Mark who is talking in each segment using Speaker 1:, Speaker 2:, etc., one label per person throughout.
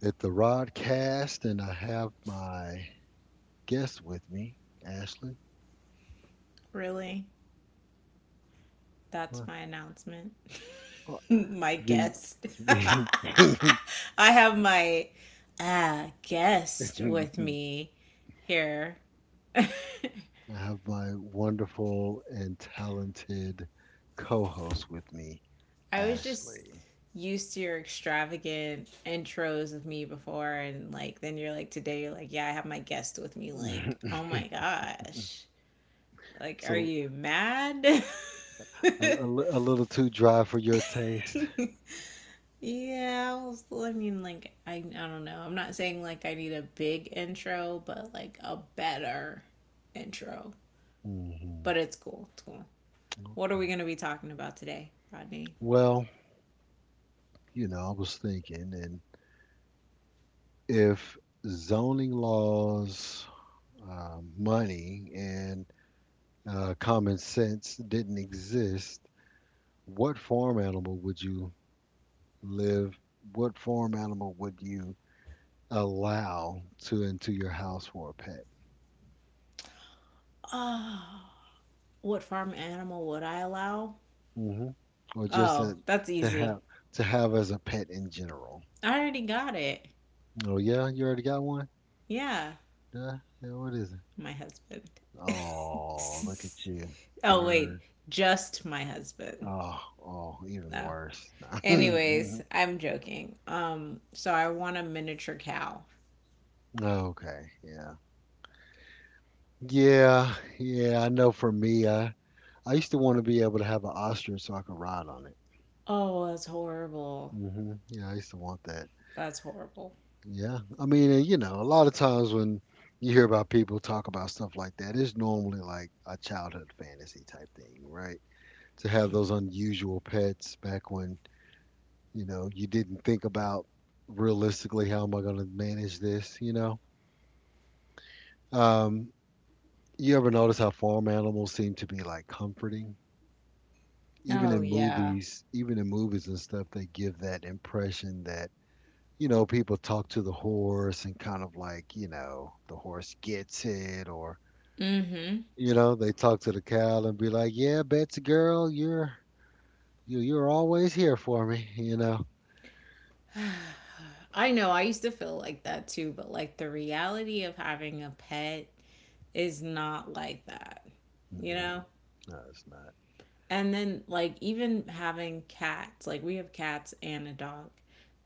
Speaker 1: at the Rodcast, and I have my guest with me, Ashley.
Speaker 2: Really? That's
Speaker 1: What?
Speaker 2: my announcement.
Speaker 1: Well,
Speaker 2: My
Speaker 1: The
Speaker 2: guest.
Speaker 1: the
Speaker 2: I have my guest with
Speaker 1: I
Speaker 2: me here. I
Speaker 1: have my wonderful and talented co-host with me,
Speaker 2: was just
Speaker 1: Ashley.
Speaker 2: used to your extravagant intros of me before, and like, then you're like, today you're like, yeah, I have my guest with me. Like, oh my gosh. Like, are
Speaker 1: So
Speaker 2: you mad?
Speaker 1: a, a little too dry for your taste.
Speaker 2: Yeah, well, I mean, like, I don't know. I'm not saying like I need a big intro, but like a better intro.
Speaker 1: Hmm
Speaker 2: But it's cool. It's cool. What are we
Speaker 1: Okay.
Speaker 2: going to be talking about today, Rodney?
Speaker 1: Well, I was thinking, and if zoning laws money and common sense didn't exist, what farm animal would you live? What farm animal would you allow to into your house for a pet,
Speaker 2: Oh, what farm animal would I allow?
Speaker 1: hmm or just
Speaker 2: Oh,
Speaker 1: in,
Speaker 2: that's
Speaker 1: to
Speaker 2: easy.
Speaker 1: have to have as a pet in general?
Speaker 2: I already got it.
Speaker 1: Oh yeah, you already got one.
Speaker 2: Yeah,
Speaker 1: Yeah, yeah. What is it?
Speaker 2: my husband.
Speaker 1: Oh, look at you,
Speaker 2: Oh, wait,
Speaker 1: burn.
Speaker 2: just my husband.
Speaker 1: Oh, oh, even
Speaker 2: No.
Speaker 1: worse.
Speaker 2: Anyways, I'm joking. So I want a miniature cow.
Speaker 1: Okay, yeah. Yeah, yeah, I know for me, I used to want to be able to have an ostrich so I could ride on it.
Speaker 2: Oh, that's horrible.
Speaker 1: Hmm Yeah, I used to want that.
Speaker 2: That's horrible.
Speaker 1: Yeah, I mean, and, you know, a lot of times when you hear about people talk about stuff like that, it's normally like a childhood fantasy type thing, right? To have those unusual pets back when, you know, you didn't think about realistically how am I going to manage this, you know? Um, you ever notice how farm animals seem to be like comforting? Even
Speaker 2: Oh,
Speaker 1: in
Speaker 2: yeah.
Speaker 1: movies, even in movies and stuff, they give that impression that, you know, people talk to the horse and kind of like, you know, the horse gets it or,
Speaker 2: Mm-hmm.
Speaker 1: you know, they talk to the cow and be like, yeah, Betsy girl, you're, you, you're always here for me, you know?
Speaker 2: I know, I used to feel like that too, but like the reality of having a pet is not like that, you
Speaker 1: Mm-mm,
Speaker 2: know?
Speaker 1: no, it's not.
Speaker 2: And then like even having cats, like we have cats and a dog.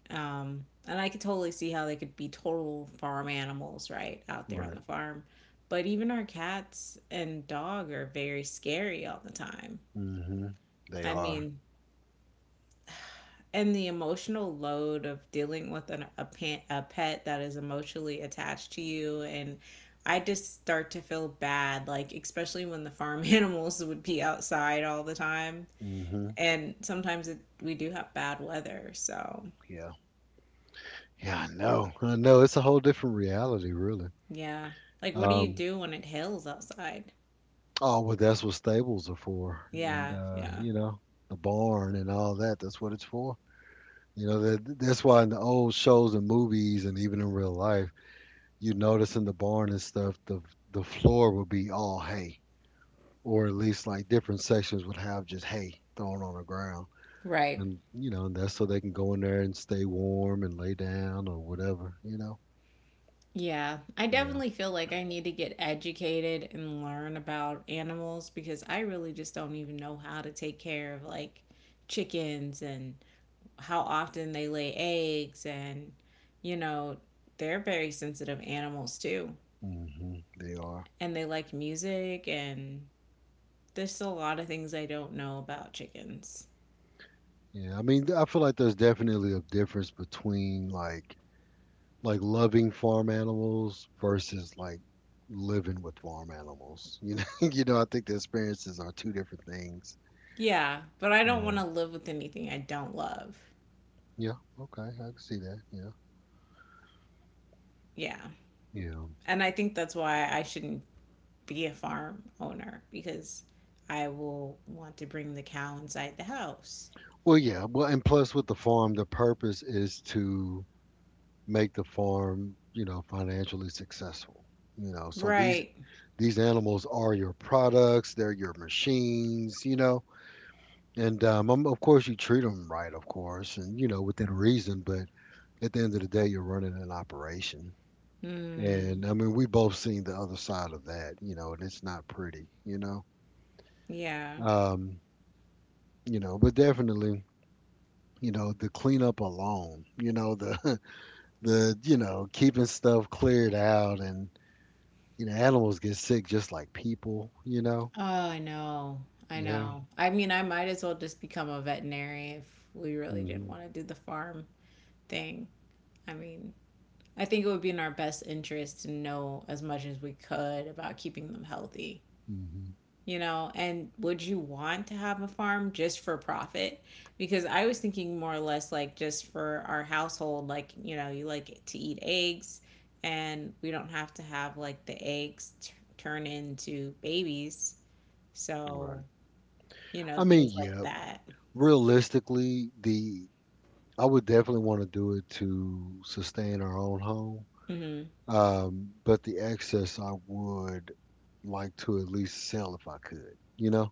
Speaker 2: And I could totally see how they could be total farm animals, right? Out there on
Speaker 1: Right.
Speaker 2: the farm. But even our cats and dog are very scary all the time.
Speaker 1: hmm They
Speaker 2: I
Speaker 1: are.
Speaker 2: mean, and the emotional load of dealing with a pet that is emotionally attached to you and I just start to feel bad, like especially when the farm animals would be outside all the time,
Speaker 1: Hmm
Speaker 2: and sometimes we do have bad weather, so
Speaker 1: Yeah. Yeah, I know. I know. It's a whole different reality, really.
Speaker 2: yeah, like what do you
Speaker 1: Um,
Speaker 2: do when it hails outside?
Speaker 1: Oh, well, that's what stables are for, and
Speaker 2: Yeah, yeah.
Speaker 1: you know the barn and all that. That's what it's for. You know that that's why in the old shows and movies and even in real life, you notice in the barn and stuff, the floor would be all hay, or at least like different sections would have just hay thrown on the ground,
Speaker 2: Right.
Speaker 1: and you know and that's so they can go in there and stay warm and lay down or whatever. You know.
Speaker 2: Yeah, I
Speaker 1: Yeah.
Speaker 2: definitely feel like I need to get educated and learn about animals because I really just don't even know how to take care of like chickens, and how often they lay eggs, and you know, they're very sensitive animals too.
Speaker 1: hmm They are.
Speaker 2: And they like music, and there's a lot of things I don't know about chickens.
Speaker 1: Yeah. I mean, I feel like there's definitely a difference between like loving farm animals versus like living with farm animals. You know, you know, I think the experiences are two different things.
Speaker 2: Yeah, but I don't
Speaker 1: Yeah.
Speaker 2: want to live with anything I don't love.
Speaker 1: Yeah. Okay. I can see that. Yeah.
Speaker 2: Yeah.
Speaker 1: Yeah.
Speaker 2: And I think that's why I shouldn't be a farm owner because I will want to bring the cow inside the house.
Speaker 1: Well, yeah. Well, and plus with the farm, the purpose is to make the farm, you know, financially successful. You know, so
Speaker 2: Right.
Speaker 1: these animals are your products. They're your machines. You know, and of course you treat them right, of course, and you know within reason. But at the end of the day, you're running an operation.
Speaker 2: Mm,
Speaker 1: And I mean, we both seen the other side of that, you know, and it's not pretty, you know.
Speaker 2: yeah.
Speaker 1: Um, you know, but definitely, you know, the cleanup alone, you know, the the, you know, keeping stuff cleared out and, you know, animals get sick just like people, you know.
Speaker 2: Oh, I know. I
Speaker 1: Yeah.
Speaker 2: know. I mean, I might as well just become a veterinarian if we really didn't
Speaker 1: Mhm.
Speaker 2: want to do the farm thing. I mean, I think it would be in our best interest to know as much as we could about keeping them healthy.
Speaker 1: Mhm.
Speaker 2: You know, and would you want to have a farm just for profit, because I was thinking more or less like just for our household, like, you know, you like to eat eggs, and we don't have to have like the eggs turn into babies,
Speaker 1: Right.
Speaker 2: so, you know,
Speaker 1: I mean,
Speaker 2: things like
Speaker 1: yeah,
Speaker 2: that.
Speaker 1: realistically, the I would definitely want to do it to sustain our own home.
Speaker 2: Mhm.
Speaker 1: But the excess I would like to at least sell if I could, you know?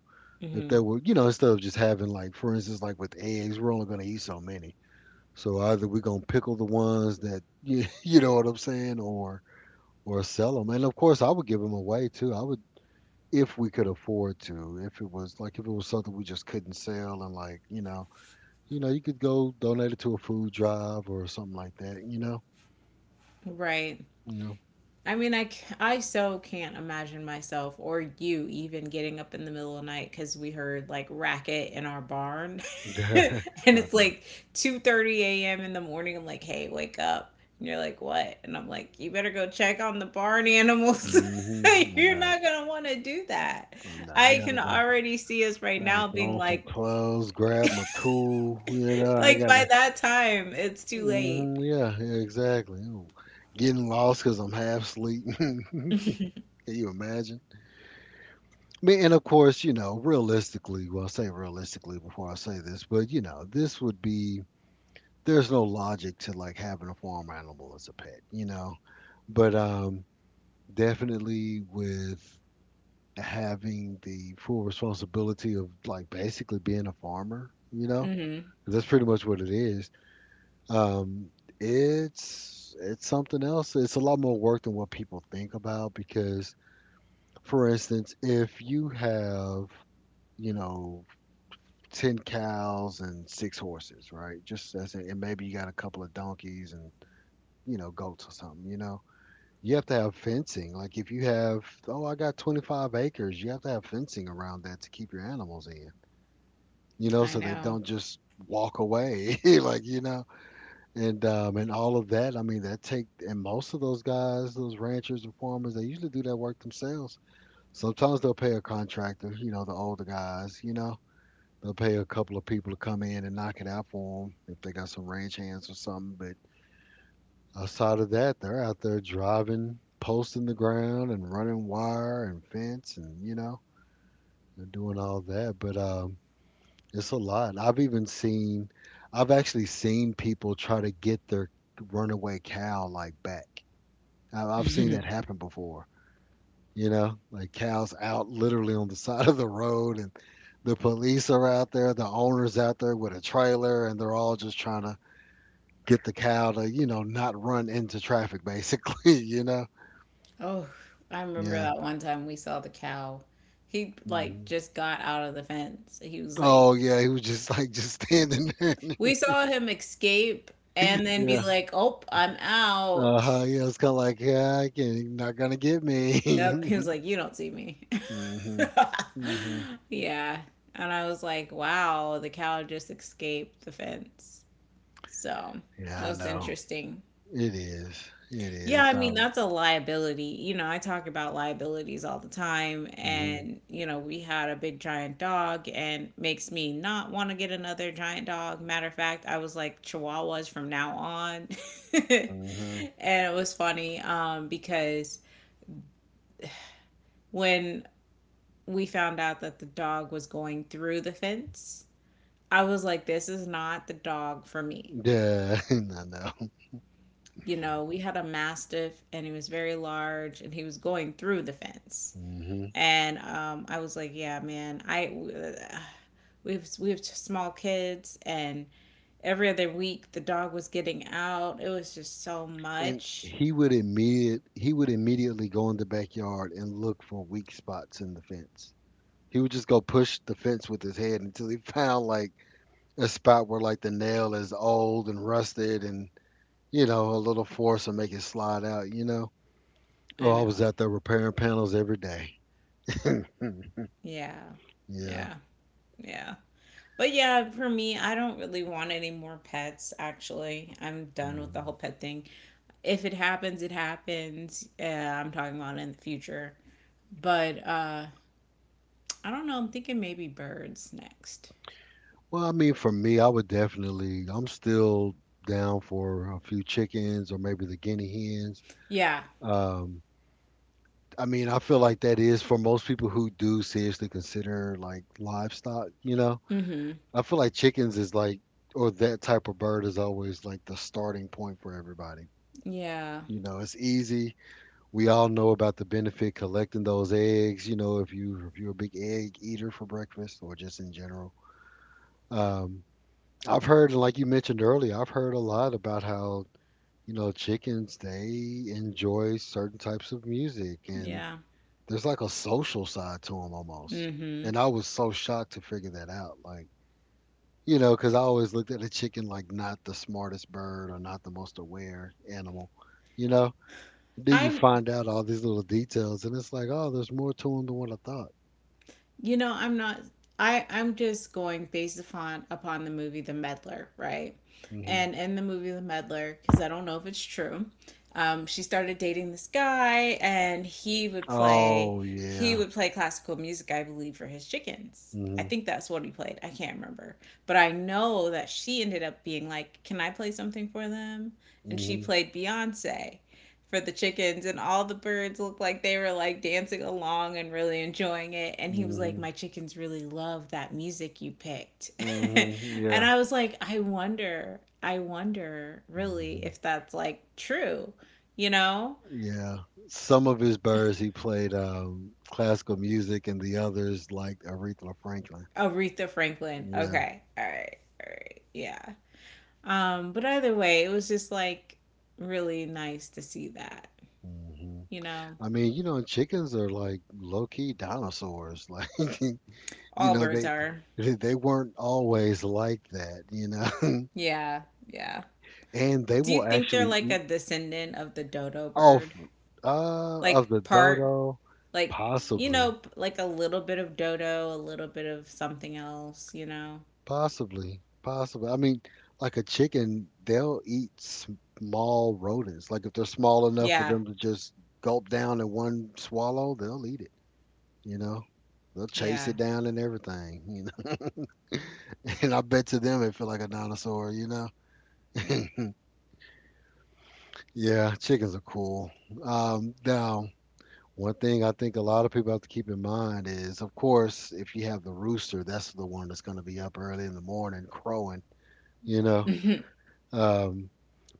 Speaker 1: If there
Speaker 2: Mhm.
Speaker 1: were, you know, instead of just having like, for instance, like with eggs, we're only going to eat so many. So either we're going to pickle the ones that, you, know what I'm saying, or sell them. And of course, I would give them away too. I would if we could afford to. If it was like if it was something we just couldn't sell and like, you know, you know, you could go donate it to a food drive or something like that, you know?
Speaker 2: Right.
Speaker 1: You
Speaker 2: I mean, I so can't imagine myself or you even getting up in the middle of the night because we heard like racket in our barn.
Speaker 1: know.
Speaker 2: And
Speaker 1: No,
Speaker 2: it's
Speaker 1: no.
Speaker 2: like 2:30 a.m. in the morning. I'm like, hey, wake up. And you're like, what? And I'm like, you better go check on the barn animals.
Speaker 1: hmm I
Speaker 2: You're
Speaker 1: know.
Speaker 2: not going to want to do that.
Speaker 1: I know. I
Speaker 2: I
Speaker 1: gotta
Speaker 2: can
Speaker 1: go.
Speaker 2: already see us right
Speaker 1: I gotta
Speaker 2: now
Speaker 1: throw
Speaker 2: being
Speaker 1: on some
Speaker 2: like,
Speaker 1: clothes, grab my tool. You know, I
Speaker 2: like by
Speaker 1: gotta.
Speaker 2: that time, it's too
Speaker 1: Hmm
Speaker 2: late.
Speaker 1: Yeah, yeah, exactly. Ooh, getting lost because I'm half asleep. Can you imagine? I mean, and of course, you know, realistically, well, I say realistically before I say this, but you know, this would be. There's no logic to like having a farm animal as a pet. You know, but definitely with having the full responsibility of like basically being a farmer, you know,
Speaker 2: Hmm.
Speaker 1: that's pretty much what it is. Um, it's it's something else. It's a lot more work than what people think about because, for instance, if you have, you know, 10 cows and six horses, right? Just as in, and maybe you got a couple of donkeys and, you know, goats or something, you know? You have to have fencing. Like if you have, oh, I got 25 acres, you have to have fencing around that to keep your animals in. You know,
Speaker 2: I
Speaker 1: so they
Speaker 2: know.
Speaker 1: don't just walk away, like you know, and all of that. I mean, that take and most of those guys, those ranchers and farmers, they usually do that work themselves. Sometimes they'll pay a contractor, you know, the older guys, you know, they'll pay a couple of people to come in and knock it out for them if they got some ranch hands or something. But outside of that, they're out there driving, posting the ground, and running wire and fence, and you know, and doing all that. But it's a lot. I've actually seen people try to get their runaway cow like back. I've seen that happen before. You know, like cows out literally on the side of the road, and the police are out there, the owner's out there with a trailer, and they're all just trying to get the cow to, you know, not run into traffic, basically. You know?
Speaker 2: Oh, I remember
Speaker 1: Yeah.
Speaker 2: that one time we saw the cow. He like
Speaker 1: hmm
Speaker 2: just got out of the fence. He was like,
Speaker 1: Oh yeah, he was just like just standing there.
Speaker 2: we saw him escape and then be
Speaker 1: Yeah.
Speaker 2: like, "Oh, I'm
Speaker 1: Uh huh.
Speaker 2: out."
Speaker 1: Yeah, it's kind of like, yeah, I can, not gonna get
Speaker 2: Yep.
Speaker 1: me.
Speaker 2: He was like, "You don't see me."
Speaker 1: Mhm, mhm.
Speaker 2: Yeah. And I was like, "Wow, the cow just escaped the fence." So, that
Speaker 1: Yeah, I
Speaker 2: was
Speaker 1: know.
Speaker 2: interesting.
Speaker 1: It is. It
Speaker 2: Yeah,
Speaker 1: is.
Speaker 2: I mean, that's a liability. You know, I talk about liabilities all the time.
Speaker 1: Mhm,
Speaker 2: And, you know, we had a big giant dog and makes me not want to get another giant dog. Matter of fact, I was like chihuahuas from now on.
Speaker 1: mhm.
Speaker 2: And it was funny because when we found out that the dog was going through the fence, I was like, this is not the dog for me.
Speaker 1: Yeah, I know.
Speaker 2: You know, we had a mastiff and he was very large and he was going through the fence.
Speaker 1: Mhm.
Speaker 2: And I was like, yeah, man, I we have small kids, and every other week the dog was getting out. It was just so
Speaker 1: And
Speaker 2: much.
Speaker 1: he would immediately go in the backyard and look for weak spots in the fence. He would just go push the fence with his head until he found like a spot where like the nail is old and rusted and you know a little force will make it slide out. You know.
Speaker 2: I
Speaker 1: Oh, I was
Speaker 2: know.
Speaker 1: out there repairing panels every day.
Speaker 2: Yeah,
Speaker 1: Yeah.
Speaker 2: yeah, yeah. But yeah, for me, I don't really want any more pets. Actually, I'm done with the whole
Speaker 1: Mm-hmm.
Speaker 2: pet thing. If it happens, it happens. I'm talking about in the future. But I don't know. I'm thinking maybe birds next.
Speaker 1: Well, I mean, for me, I would definitely, I'm still down for a few chickens or maybe the guinea hens.
Speaker 2: Yeah.
Speaker 1: Um, I mean, I feel like that is for most people who do seriously consider like livestock, you know.
Speaker 2: Mm-hmm.
Speaker 1: I feel like chickens is like, or that type of bird is always like the starting point for everybody.
Speaker 2: Yeah.
Speaker 1: You know, it's easy. We all know about the benefit collecting those eggs, you know, if you're a big egg eater for breakfast or just in general. Um, I've heard, and like you mentioned earlier, I've heard a lot about how, you know, chickens, they enjoy certain types of music and
Speaker 2: Yeah.
Speaker 1: there's like a social side to them almost.
Speaker 2: Mm-hmm.
Speaker 1: And I was so shocked to figure that out. Like, you know, because I always looked at a chicken like not the smartest bird or not the most aware animal, you know? Then you
Speaker 2: I'm
Speaker 1: find out all these little details and it's like, oh, there's more to them than what I thought.
Speaker 2: you know, I'm not I I'm just going based upon the movie The Meddler, right?
Speaker 1: Hmm
Speaker 2: And in the movie The Meddler, because I don't know if it's true, she started dating this guy and he would play
Speaker 1: Oh,
Speaker 2: he
Speaker 1: yeah.
Speaker 2: would play classical music, I believe, for his chickens. I
Speaker 1: hmm
Speaker 2: think that's what he played. I can't remember. But I know that she ended up being like, Can I play something for them? And she
Speaker 1: hmm
Speaker 2: played Beyonce for the chickens, and all the birds looked like they were like dancing along and really enjoying it, and he was like,
Speaker 1: hmm
Speaker 2: my chickens really love that music you picked.
Speaker 1: hmm
Speaker 2: And
Speaker 1: Yeah.
Speaker 2: I was like, I wonder really
Speaker 1: Mhm.
Speaker 2: if that's like true, you know?
Speaker 1: Yeah, some of his birds he played classical music, and the others like Aretha Franklin.
Speaker 2: Aretha Franklin.
Speaker 1: Yeah.
Speaker 2: Okay, all right. All right, yeah. But either way it was just like really nice to see that,
Speaker 1: hmm
Speaker 2: you know.
Speaker 1: I mean, you know, chickens are like low key dinosaurs. Like, you
Speaker 2: All
Speaker 1: know,
Speaker 2: birds are.
Speaker 1: they weren't always like that. You know,
Speaker 2: Yeah, yeah.
Speaker 1: and they
Speaker 2: Do you
Speaker 1: will
Speaker 2: think they're
Speaker 1: actually
Speaker 2: like
Speaker 1: eat
Speaker 2: a descendant of the dodo bird?
Speaker 1: off of
Speaker 2: Like
Speaker 1: the
Speaker 2: part,
Speaker 1: dodo,
Speaker 2: like, you
Speaker 1: possibly.
Speaker 2: know, like a little bit of dodo, a little bit of something else, you know?
Speaker 1: Possibly, possibly. I mean, like a chicken, they'll eat small rodents. Like if they're small enough for
Speaker 2: Yeah.
Speaker 1: them to just gulp down in one swallow, they'll eat it. You know, they'll chase
Speaker 2: Yeah.
Speaker 1: it down and everything. You know, and I bet to them it feel like a dinosaur. You know,
Speaker 2: Yep.
Speaker 1: yeah, chickens are cool. Now, one thing I think a lot of people have to keep in mind is, of course, if you have the rooster, that's the one that's going to be up early in the morning crowing. You know, Um,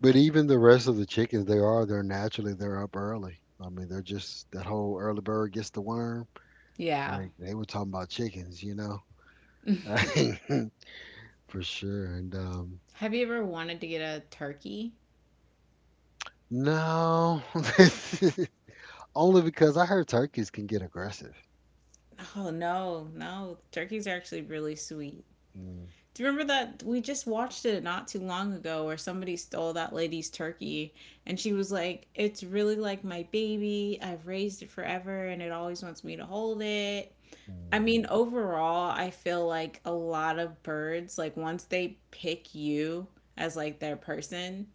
Speaker 1: but even the rest of the chickens, they're naturally they're up early. I mean, they're just that whole early bird gets the worm.
Speaker 2: Yeah.
Speaker 1: Like they were talking about chickens, you know, for sure. And
Speaker 2: Have you ever wanted to get a turkey?
Speaker 1: no, only because I heard turkeys can get aggressive.
Speaker 2: Oh, no, no. Turkeys are actually really sweet.
Speaker 1: Mm,
Speaker 2: Do you remember that we just watched it not too long ago where somebody stole that lady's turkey, and she was like, It's really like my baby. I've raised it forever and it always wants me to hold it. I mean,
Speaker 1: mhm,
Speaker 2: overall, I feel like a lot of birds, like once they pick you as like their person,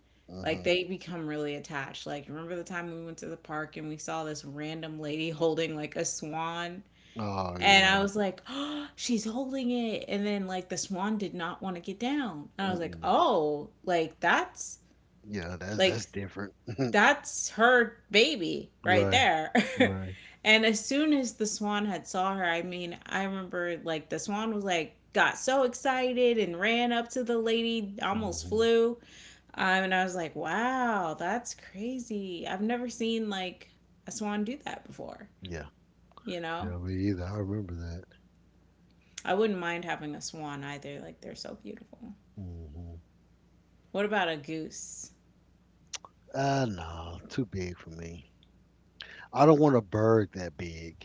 Speaker 2: like
Speaker 1: mhm.
Speaker 2: they become really attached. Like, remember the time we went to the park and we saw this random lady holding like a swan,
Speaker 1: Oh
Speaker 2: and I
Speaker 1: yeah,
Speaker 2: was like, oh, she's holding it. And then, like, the swan did not want to get down. And I was like,
Speaker 1: Mm-mm.
Speaker 2: oh,
Speaker 1: Yeah. That's
Speaker 2: like,
Speaker 1: that's different.
Speaker 2: that's her baby right
Speaker 1: Right,
Speaker 2: there.
Speaker 1: right.
Speaker 2: And as soon as the swan had saw her, I mean, I remember, like, the swan was like, got so excited and ran up to the lady, almost
Speaker 1: Hmm.
Speaker 2: flew. And I was like, wow, that's crazy. I've never seen, like, a swan do that before,
Speaker 1: Yeah,
Speaker 2: you know?
Speaker 1: yeah. Me either. I remember that.
Speaker 2: I wouldn't mind having a swan either. Like they're so beautiful.
Speaker 1: Hmm.
Speaker 2: What about a goose?
Speaker 1: No, too big for me. I don't want a bird that big.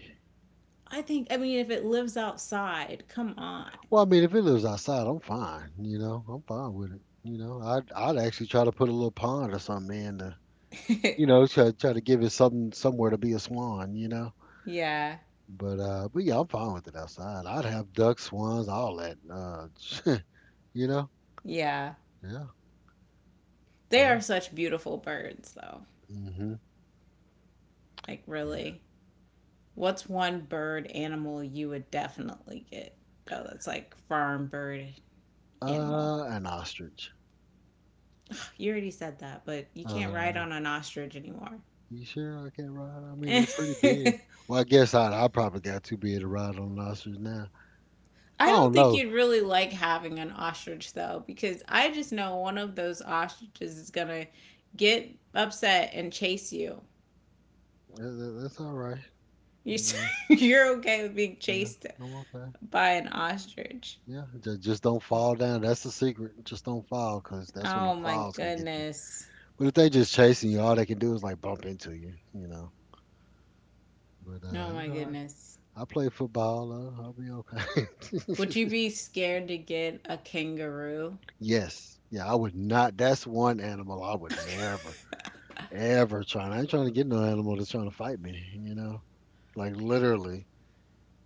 Speaker 2: I think I mean if it lives outside, come on.
Speaker 1: Well, I mean, if it lives outside, I'm fine. You know, I'm fine with it. I'd actually try to put a little pond or something in to, try to give it something somewhere to be a swan. You know,
Speaker 2: Yeah.
Speaker 1: but yeah, I'm fine with it outside. I'd have ducks, swans, all that. You know,
Speaker 2: Yeah.
Speaker 1: yeah,
Speaker 2: They
Speaker 1: yeah,
Speaker 2: are such beautiful birds though.
Speaker 1: hmm,
Speaker 2: Like
Speaker 1: yeah.
Speaker 2: really. What's one bird animal you would definitely get? Oh, that's like farm bird animal.
Speaker 1: An ostrich.
Speaker 2: You already said that, but you
Speaker 1: Oh
Speaker 2: can't ride
Speaker 1: yeah.
Speaker 2: on an ostrich anymore.
Speaker 1: You sure I can ride? I mean, they're pretty big. Well, I guess I probably got too big to ride on lobsters now. I
Speaker 2: I don't
Speaker 1: don't
Speaker 2: think
Speaker 1: know.
Speaker 2: you'd really like having an ostrich though, because I just know one of those ostriches is gonna get upset and chase you.
Speaker 1: That's all right.
Speaker 2: You.
Speaker 1: You know,
Speaker 2: You're okay with being
Speaker 1: yeah,
Speaker 2: chased
Speaker 1: I'm okay.
Speaker 2: by an ostrich.
Speaker 1: Yeah, just don't fall down. That's the secret. Just don't fall, cause that's when the
Speaker 2: Oh my
Speaker 1: claws can get you.
Speaker 2: goodness.
Speaker 1: But if they just chasing you, all they can do is like bump into you. You know. But
Speaker 2: Oh
Speaker 1: you
Speaker 2: my
Speaker 1: know,
Speaker 2: goodness.
Speaker 1: I play football. I'll be okay.
Speaker 2: Would you be scared to get a kangaroo?
Speaker 1: Yes. Yeah, I would not. That's one animal I would never. Ever trying. I ain't trying to get no animal that's trying to fight me, you know? Like literally.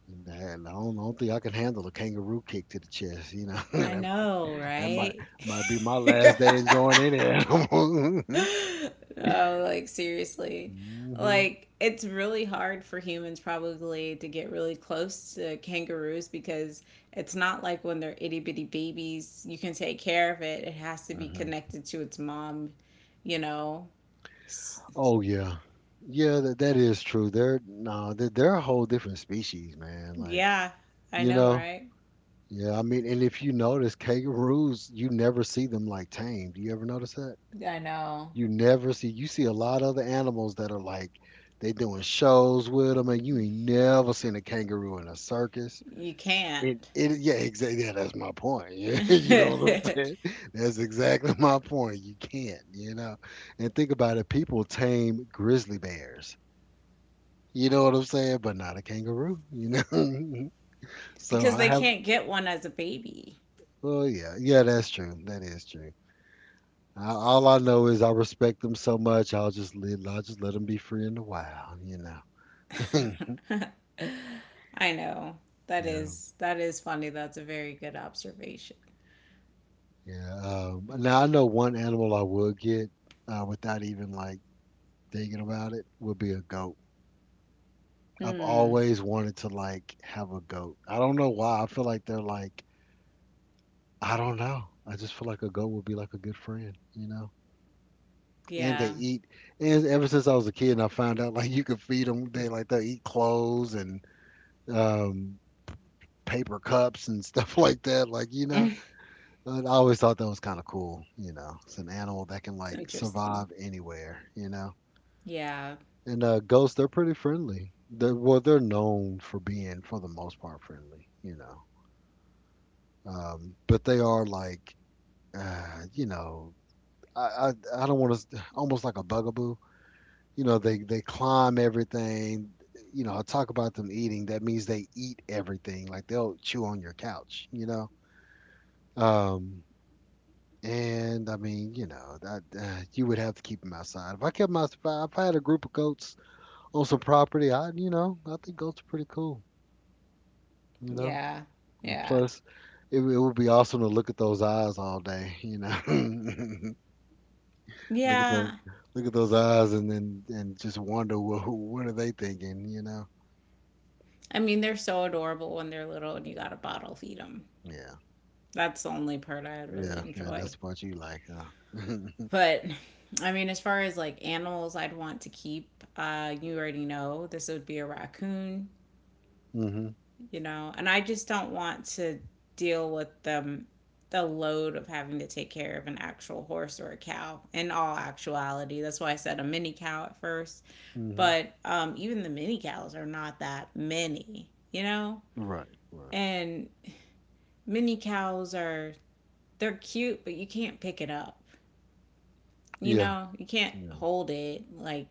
Speaker 1: And I don't think I can handle a kangaroo kick to the chest, you know.
Speaker 2: I
Speaker 1: that,
Speaker 2: know,
Speaker 1: That
Speaker 2: right?
Speaker 1: might be my last day enjoying any animal.
Speaker 2: No, like seriously.
Speaker 1: Hmm.
Speaker 2: Like it's really hard for humans probably to get really close to kangaroos because it's not like when they're itty bitty babies, you can take care of it. It has to be
Speaker 1: Hmm.
Speaker 2: connected to its mom, you know. S-
Speaker 1: Oh yeah, yeah, that, that is true. They're no, they're a whole different species, man. Like
Speaker 2: Yeah, I
Speaker 1: you
Speaker 2: know,
Speaker 1: know,
Speaker 2: right?
Speaker 1: yeah. I mean, and if you notice, kangaroos, you never see them like tamed. Do you ever notice
Speaker 2: I know.
Speaker 1: You never see. You see a lot of other animals that are like they doing shows with them, and you ain't never seen a kangaroo in a circus.
Speaker 2: You can't.
Speaker 1: It yeah, exactly. Yeah, that's my point. Yeah, you know what I'm saying. That's exactly my point. You can't, you know. And think about it. People tame grizzly bears. You know what I'm saying, but not a kangaroo. You know. So
Speaker 2: Because
Speaker 1: I
Speaker 2: they
Speaker 1: have.
Speaker 2: can't get one as a baby.
Speaker 1: Oh yeah, yeah. That's true. That is true. I, all I know is I respect them so much. I'll just let them be free in the wild. You know.
Speaker 2: I know. That
Speaker 1: Yeah,
Speaker 2: is that is funny. That's a very good observation.
Speaker 1: yeah. Now I know one animal I would get without even like thinking about it would be a goat. I've
Speaker 2: Hmm.
Speaker 1: always wanted to like have a goat. I don't know why. I feel like they're like I don't know. I just feel like a goat would be like a good friend, you know. And they
Speaker 2: Yeah.
Speaker 1: eat. And ever since I was a kid, I found out like you could feed them. They like they eat clothes and um, paper cups and stuff like that. Like you know, I always thought that was kind of cool. You know, it's an animal that can
Speaker 2: It's
Speaker 1: like
Speaker 2: interesting.
Speaker 1: survive anywhere. You know,
Speaker 2: Yeah.
Speaker 1: and ghosts they're pretty friendly. They're, well, they're known for being for the most part friendly. You know, but they are like, you know, I don't want to almost like a bugaboo. You know, they climb everything. You know, I talk about them eating. That means they eat everything. Like they'll chew on your couch. You know. Um, And I mean, you know, that you would have to keep them outside. If I had a group of goats on some property, I, you know, I think goats are pretty cool. You know,
Speaker 2: Yeah.
Speaker 1: and
Speaker 2: Yeah.
Speaker 1: plus, it would be awesome to look at those eyes all day. You know, look at the
Speaker 2: Yeah.
Speaker 1: look at those eyes, and then and just wonder what are they thinking. You know,
Speaker 2: I mean, they're so adorable when they're little and you gotta bottle feed them.
Speaker 1: yeah,
Speaker 2: That's the only part I would really
Speaker 1: yeah, yeah.
Speaker 2: enjoy.
Speaker 1: That's what you like, huh?
Speaker 2: But I mean, as far as like animals I'd want to keep, you already know this would be a raccoon,
Speaker 1: Mhm,
Speaker 2: you know, and I just don't want to deal with the load of having to take care of an actual horse or a cow. In all actuality, that's why I said a mini cow at first.
Speaker 1: mhm.
Speaker 2: But even the mini cows are not that many, you know.
Speaker 1: Right, right.
Speaker 2: And mini cows are they're cute, but you can't pick it up, you
Speaker 1: Yeah,
Speaker 2: know, you can't
Speaker 1: yeah,
Speaker 2: hold it, like,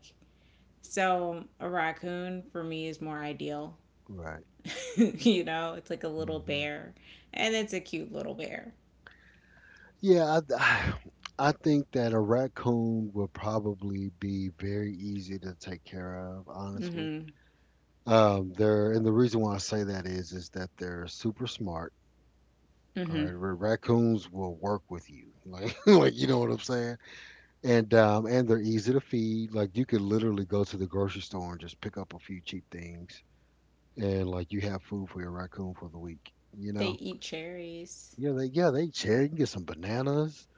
Speaker 2: so a raccoon for me is more ideal.
Speaker 1: right.
Speaker 2: You know, it's like a little
Speaker 1: Mhm.
Speaker 2: bear, and it's a cute little bear.
Speaker 1: Yeah, I, I think that a raccoon would probably be very easy to take care of, honestly.
Speaker 2: Mm-hmm.
Speaker 1: They're and the reason why I say that is that they're super smart. All
Speaker 2: Mm-hmm.
Speaker 1: right, raccoons will work with you, like you know what I'm saying. And they're easy to feed. Like you could literally go to the grocery store and just pick up a few cheap things, and like you have food for your raccoon for the week. You
Speaker 2: They
Speaker 1: know.
Speaker 2: eat cherries.
Speaker 1: Yeah they share. You can get some bananas,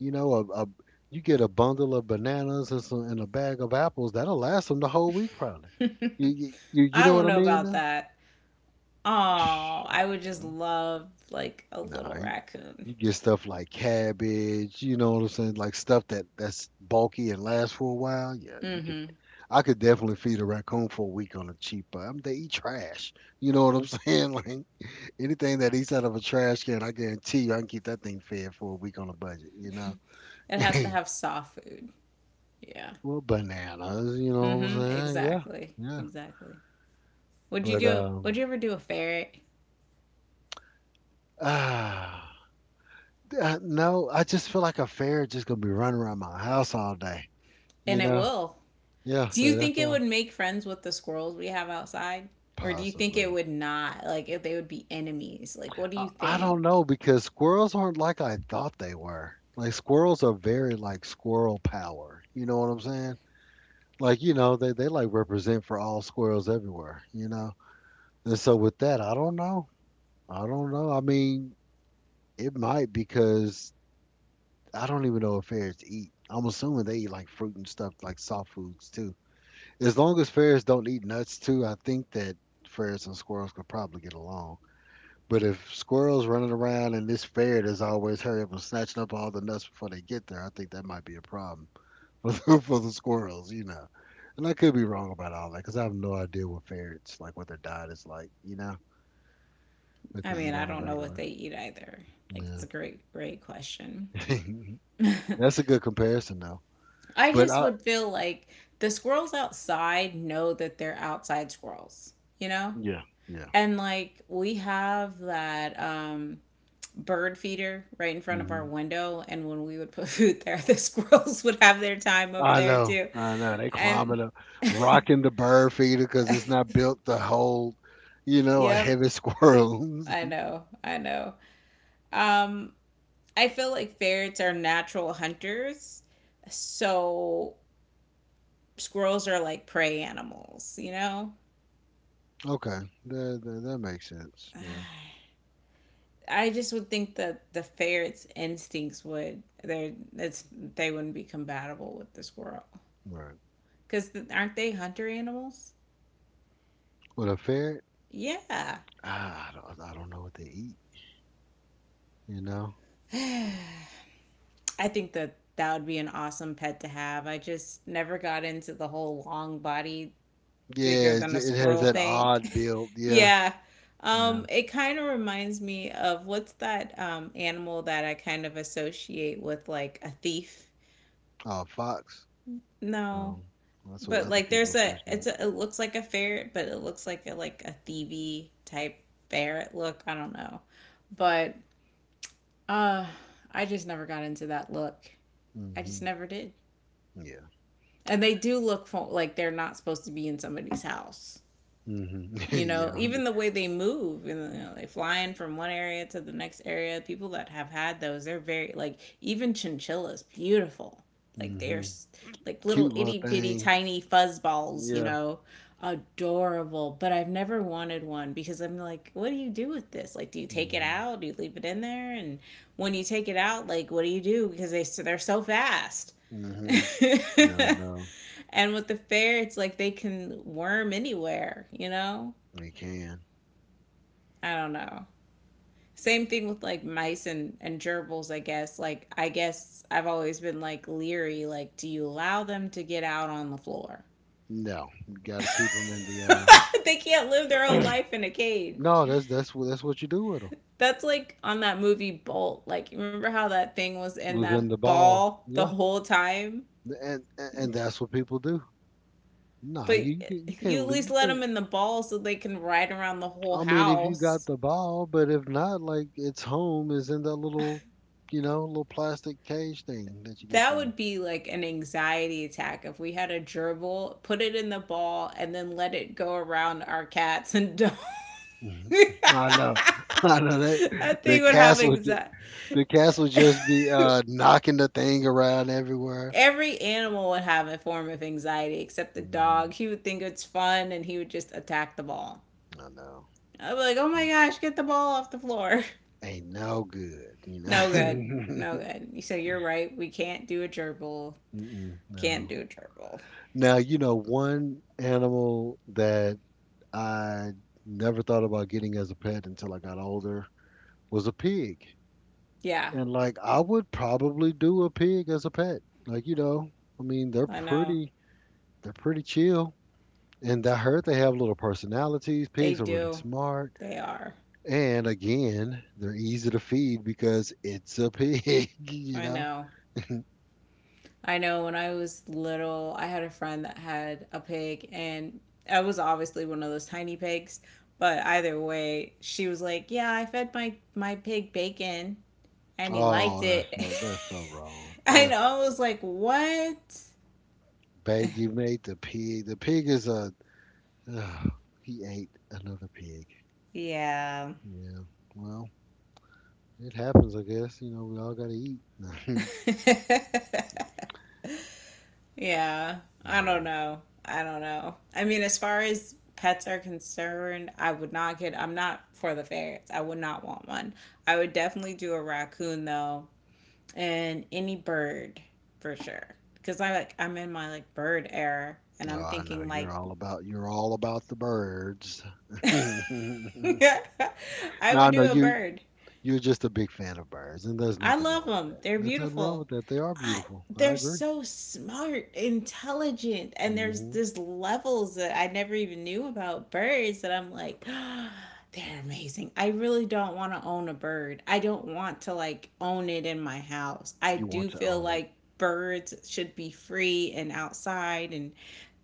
Speaker 1: you know, a you get a bundle of bananas and some and a bag of apples that'll last them the whole week probably.
Speaker 2: I
Speaker 1: You know
Speaker 2: don't
Speaker 1: what I
Speaker 2: know
Speaker 1: mean?
Speaker 2: about
Speaker 1: Now?
Speaker 2: that.
Speaker 1: Shh.
Speaker 2: Oh, I would just love like a
Speaker 1: Nah,
Speaker 2: little
Speaker 1: you,
Speaker 2: raccoon.
Speaker 1: you get stuff like cabbage. You know what I'm saying? Like stuff that that's bulky and lasts for a while. Yeah, you could.
Speaker 2: Mm-hmm.
Speaker 1: I could definitely feed a raccoon for a week on a cheap. But I'm they eat trash. You know what I'm saying? Like anything that eats out of a trash can, I guarantee you, I can keep that thing fed for a week on a budget. You know.
Speaker 2: It has to have soft food. Yeah.
Speaker 1: Well, bananas, you know what I'm
Speaker 2: Mm-hmm.
Speaker 1: saying? Yeah,
Speaker 2: Exactly.
Speaker 1: yeah.
Speaker 2: Exactly. Would you
Speaker 1: But
Speaker 2: do would you ever do a ferret?
Speaker 1: ah, no, I just feel like a fairy just gonna be running around my house all day.
Speaker 2: And
Speaker 1: You
Speaker 2: it
Speaker 1: know?
Speaker 2: will.
Speaker 1: Yeah.
Speaker 2: Do you
Speaker 1: So that's
Speaker 2: think it
Speaker 1: why
Speaker 2: would make friends with the squirrels we have outside? Or do you think it
Speaker 1: possibly.
Speaker 2: would not? Like if they would be enemies? Like what do you
Speaker 1: I don't
Speaker 2: think?
Speaker 1: know because squirrels aren't like I thought they were. Like squirrels are very like squirrel power. You know what I'm saying? Like you know they like represent for all squirrels everywhere. You know. And so with that, I don't know. I don't know. I mean, it might because I don't even know what fairs eat. I'm assuming they eat like fruit and stuff, like soft foods too. As long as fairs don't eat nuts too, I think that fairs and squirrels could probably get along. But if squirrels running around and this fair that's always hurry up and snatching up all the nuts before they get there, I think that might be a problem for the squirrels, you know. And I could be wrong about all that because I have no idea what ferrets like, what their diet is like, you know, what
Speaker 2: I
Speaker 1: they
Speaker 2: mean,
Speaker 1: eat
Speaker 2: I
Speaker 1: on a
Speaker 2: don't know what
Speaker 1: regular.
Speaker 2: they eat either. Like, it's
Speaker 1: Yeah,
Speaker 2: a great question.
Speaker 1: that's a good comparison though.
Speaker 2: I
Speaker 1: But
Speaker 2: just
Speaker 1: I,
Speaker 2: would feel like the squirrels outside know that they're outside squirrels, you know?
Speaker 1: yeah, yeah.
Speaker 2: And like, we have that bird feeder right in front of our
Speaker 1: Hmm.
Speaker 2: window. And when we would put food there, the squirrels would have their time over
Speaker 1: I
Speaker 2: there
Speaker 1: know,
Speaker 2: too.
Speaker 1: I know. They
Speaker 2: And
Speaker 1: climbing up, rocking the bird feeder because it's not built to hold, you know, a
Speaker 2: yep,
Speaker 1: heavy squirrel.
Speaker 2: I know. Um, I feel like ferrets are natural hunters. So squirrels are like prey animals, you know?
Speaker 1: Okay, that, that that makes sense. Yeah,
Speaker 2: I just would think that they wouldn't be compatible with the squirrel
Speaker 1: right.
Speaker 2: because aren't they hunter animals?
Speaker 1: With a ferret,
Speaker 2: Yeah,
Speaker 1: ah, I don't know what they eat. You know?
Speaker 2: I think that would be an awesome pet to have. I just never got into the whole long body bigger
Speaker 1: Yeah,
Speaker 2: than a
Speaker 1: it has
Speaker 2: squirrel
Speaker 1: that
Speaker 2: thing.
Speaker 1: odd build. Yeah,
Speaker 2: yeah.
Speaker 1: yeah.
Speaker 2: It kind of reminds me of what's that animal that I kind of associate with like a thief?
Speaker 1: Oh, fox.
Speaker 2: No,
Speaker 1: Um, that's what
Speaker 2: but
Speaker 1: other
Speaker 2: like,
Speaker 1: people
Speaker 2: there's
Speaker 1: associate.
Speaker 2: it looks like a ferret, but it looks like a thievy type ferret look. I don't know, but uh, I just never got into that look. I just
Speaker 1: Hmm.
Speaker 2: never did.
Speaker 1: Yeah.
Speaker 2: And they do look like they're not supposed to be in somebody's house.
Speaker 1: Hmm.
Speaker 2: You know,
Speaker 1: Yeah.
Speaker 2: even the way they move, you know, they fly in from one area to the next area. People that have had those, they're very like, even chinchillas, beautiful, like they're
Speaker 1: Hmm.
Speaker 2: like little
Speaker 1: Cute little
Speaker 2: itty bitty
Speaker 1: things.
Speaker 2: tiny fuzz balls, you
Speaker 1: Yeah.
Speaker 2: know, adorable. But I've never wanted one because I'm like, what do you do with this? Like, do you take it
Speaker 1: Hmm.
Speaker 2: out, do you leave it in there? And when you take it out, like what do you do? Because they so they're so fast.
Speaker 1: Hmm. Yeah. No.
Speaker 2: And with the fair, it's like they can worm anywhere, you know.
Speaker 1: They can.
Speaker 2: I don't know. Same thing with like mice and gerbils, I guess. Like, I guess I've always been like leery. Like, do you allow them to get out on the floor?
Speaker 1: No, you got to keep them in the.
Speaker 2: They can't live their whole
Speaker 1: Uh,
Speaker 2: life in a cage.
Speaker 1: no, that's what you do with them.
Speaker 2: That's like on that movie Bolt. Like, remember how that thing was in
Speaker 1: Was in the
Speaker 2: that
Speaker 1: ball.
Speaker 2: ball the
Speaker 1: Yeah,
Speaker 2: whole time?
Speaker 1: and and that's what people do. Nah,
Speaker 2: But
Speaker 1: you can't
Speaker 2: you at least
Speaker 1: you
Speaker 2: let them
Speaker 1: can't.
Speaker 2: in the ball so they can ride around the whole
Speaker 1: I mean, if you got
Speaker 2: house.
Speaker 1: the ball, but if not, like its home is in that little, you know, little plastic cage thing that you get
Speaker 2: That
Speaker 1: for
Speaker 2: would be like an anxiety attack if we had a gerbil, put it in the ball, and then let it go around our cats and dogs.
Speaker 1: them. I know, I know that
Speaker 2: That thing
Speaker 1: the
Speaker 2: would have
Speaker 1: castle, ju-
Speaker 2: anxiety.
Speaker 1: the castle just be knocking the thing around everywhere.
Speaker 2: Every animal would have a form of anxiety except the
Speaker 1: Hmm.
Speaker 2: dog. He would think it's fun and he would just attack the ball.
Speaker 1: I know.
Speaker 2: I'd be like, oh my gosh, get the ball off the floor.
Speaker 1: Ain't no good, you
Speaker 2: No good.
Speaker 1: know?
Speaker 2: No good. So you're right. We can't do a gerbil.
Speaker 1: Mm-mm,
Speaker 2: Can't
Speaker 1: no.
Speaker 2: do a gerbil.
Speaker 1: Now, you know, one animal that I never thought about getting as a pet until I got older was a pig.
Speaker 2: Yeah,
Speaker 1: And like I would probably do a pig as a pet. Like, you know, I mean,
Speaker 2: I know.
Speaker 1: they're pretty chill. And I heard they have little personalities.
Speaker 2: They
Speaker 1: Pigs are really
Speaker 2: do.
Speaker 1: smart.
Speaker 2: They are.
Speaker 1: And again, they're easy to feed because it's a pig, you
Speaker 2: I
Speaker 1: know.
Speaker 2: know. I know when I was little, I had a friend that had a pig, and I was obviously one of those tiny pigs. But either way, she was like, "Yeah, I fed my pig bacon, and he liked
Speaker 1: Oh,
Speaker 2: it."
Speaker 1: that's so wrong.
Speaker 2: And
Speaker 1: That's
Speaker 2: I was like, "What?"
Speaker 1: Bag, you made the pig. The pig is a. Uh, he ate another pig.
Speaker 2: Yeah.
Speaker 1: Yeah. Well, it happens, I guess. You know, we all gotta eat. Yeah.
Speaker 2: Yeah. I don't know. I mean, as far as pets are concerned, I'm not for the ferrets. I would not want one. I would definitely do a raccoon though, and any bird for sure. Because I like, I'm in my like bird era, and
Speaker 1: Oh,
Speaker 2: I'm
Speaker 1: I know.
Speaker 2: thinking like,
Speaker 1: You're all about the birds. No,
Speaker 2: I
Speaker 1: I
Speaker 2: would
Speaker 1: know
Speaker 2: do a bird.
Speaker 1: You're just a big fan of birds, and there's
Speaker 2: I
Speaker 1: nothing
Speaker 2: love
Speaker 1: wrong with
Speaker 2: them.
Speaker 1: that.
Speaker 2: They're
Speaker 1: There's nothing wrong
Speaker 2: beautiful.
Speaker 1: with that. They are
Speaker 2: I
Speaker 1: beautiful. I
Speaker 2: they're
Speaker 1: agree.
Speaker 2: so smart, intelligent, and there's
Speaker 1: Hmm.
Speaker 2: this levels that I never even knew about birds that I'm like, oh, they're amazing. I really don't want to own a bird. I don't want to like own it in my house. I
Speaker 1: You
Speaker 2: do
Speaker 1: want to
Speaker 2: feel
Speaker 1: own it.
Speaker 2: like birds should be free and outside and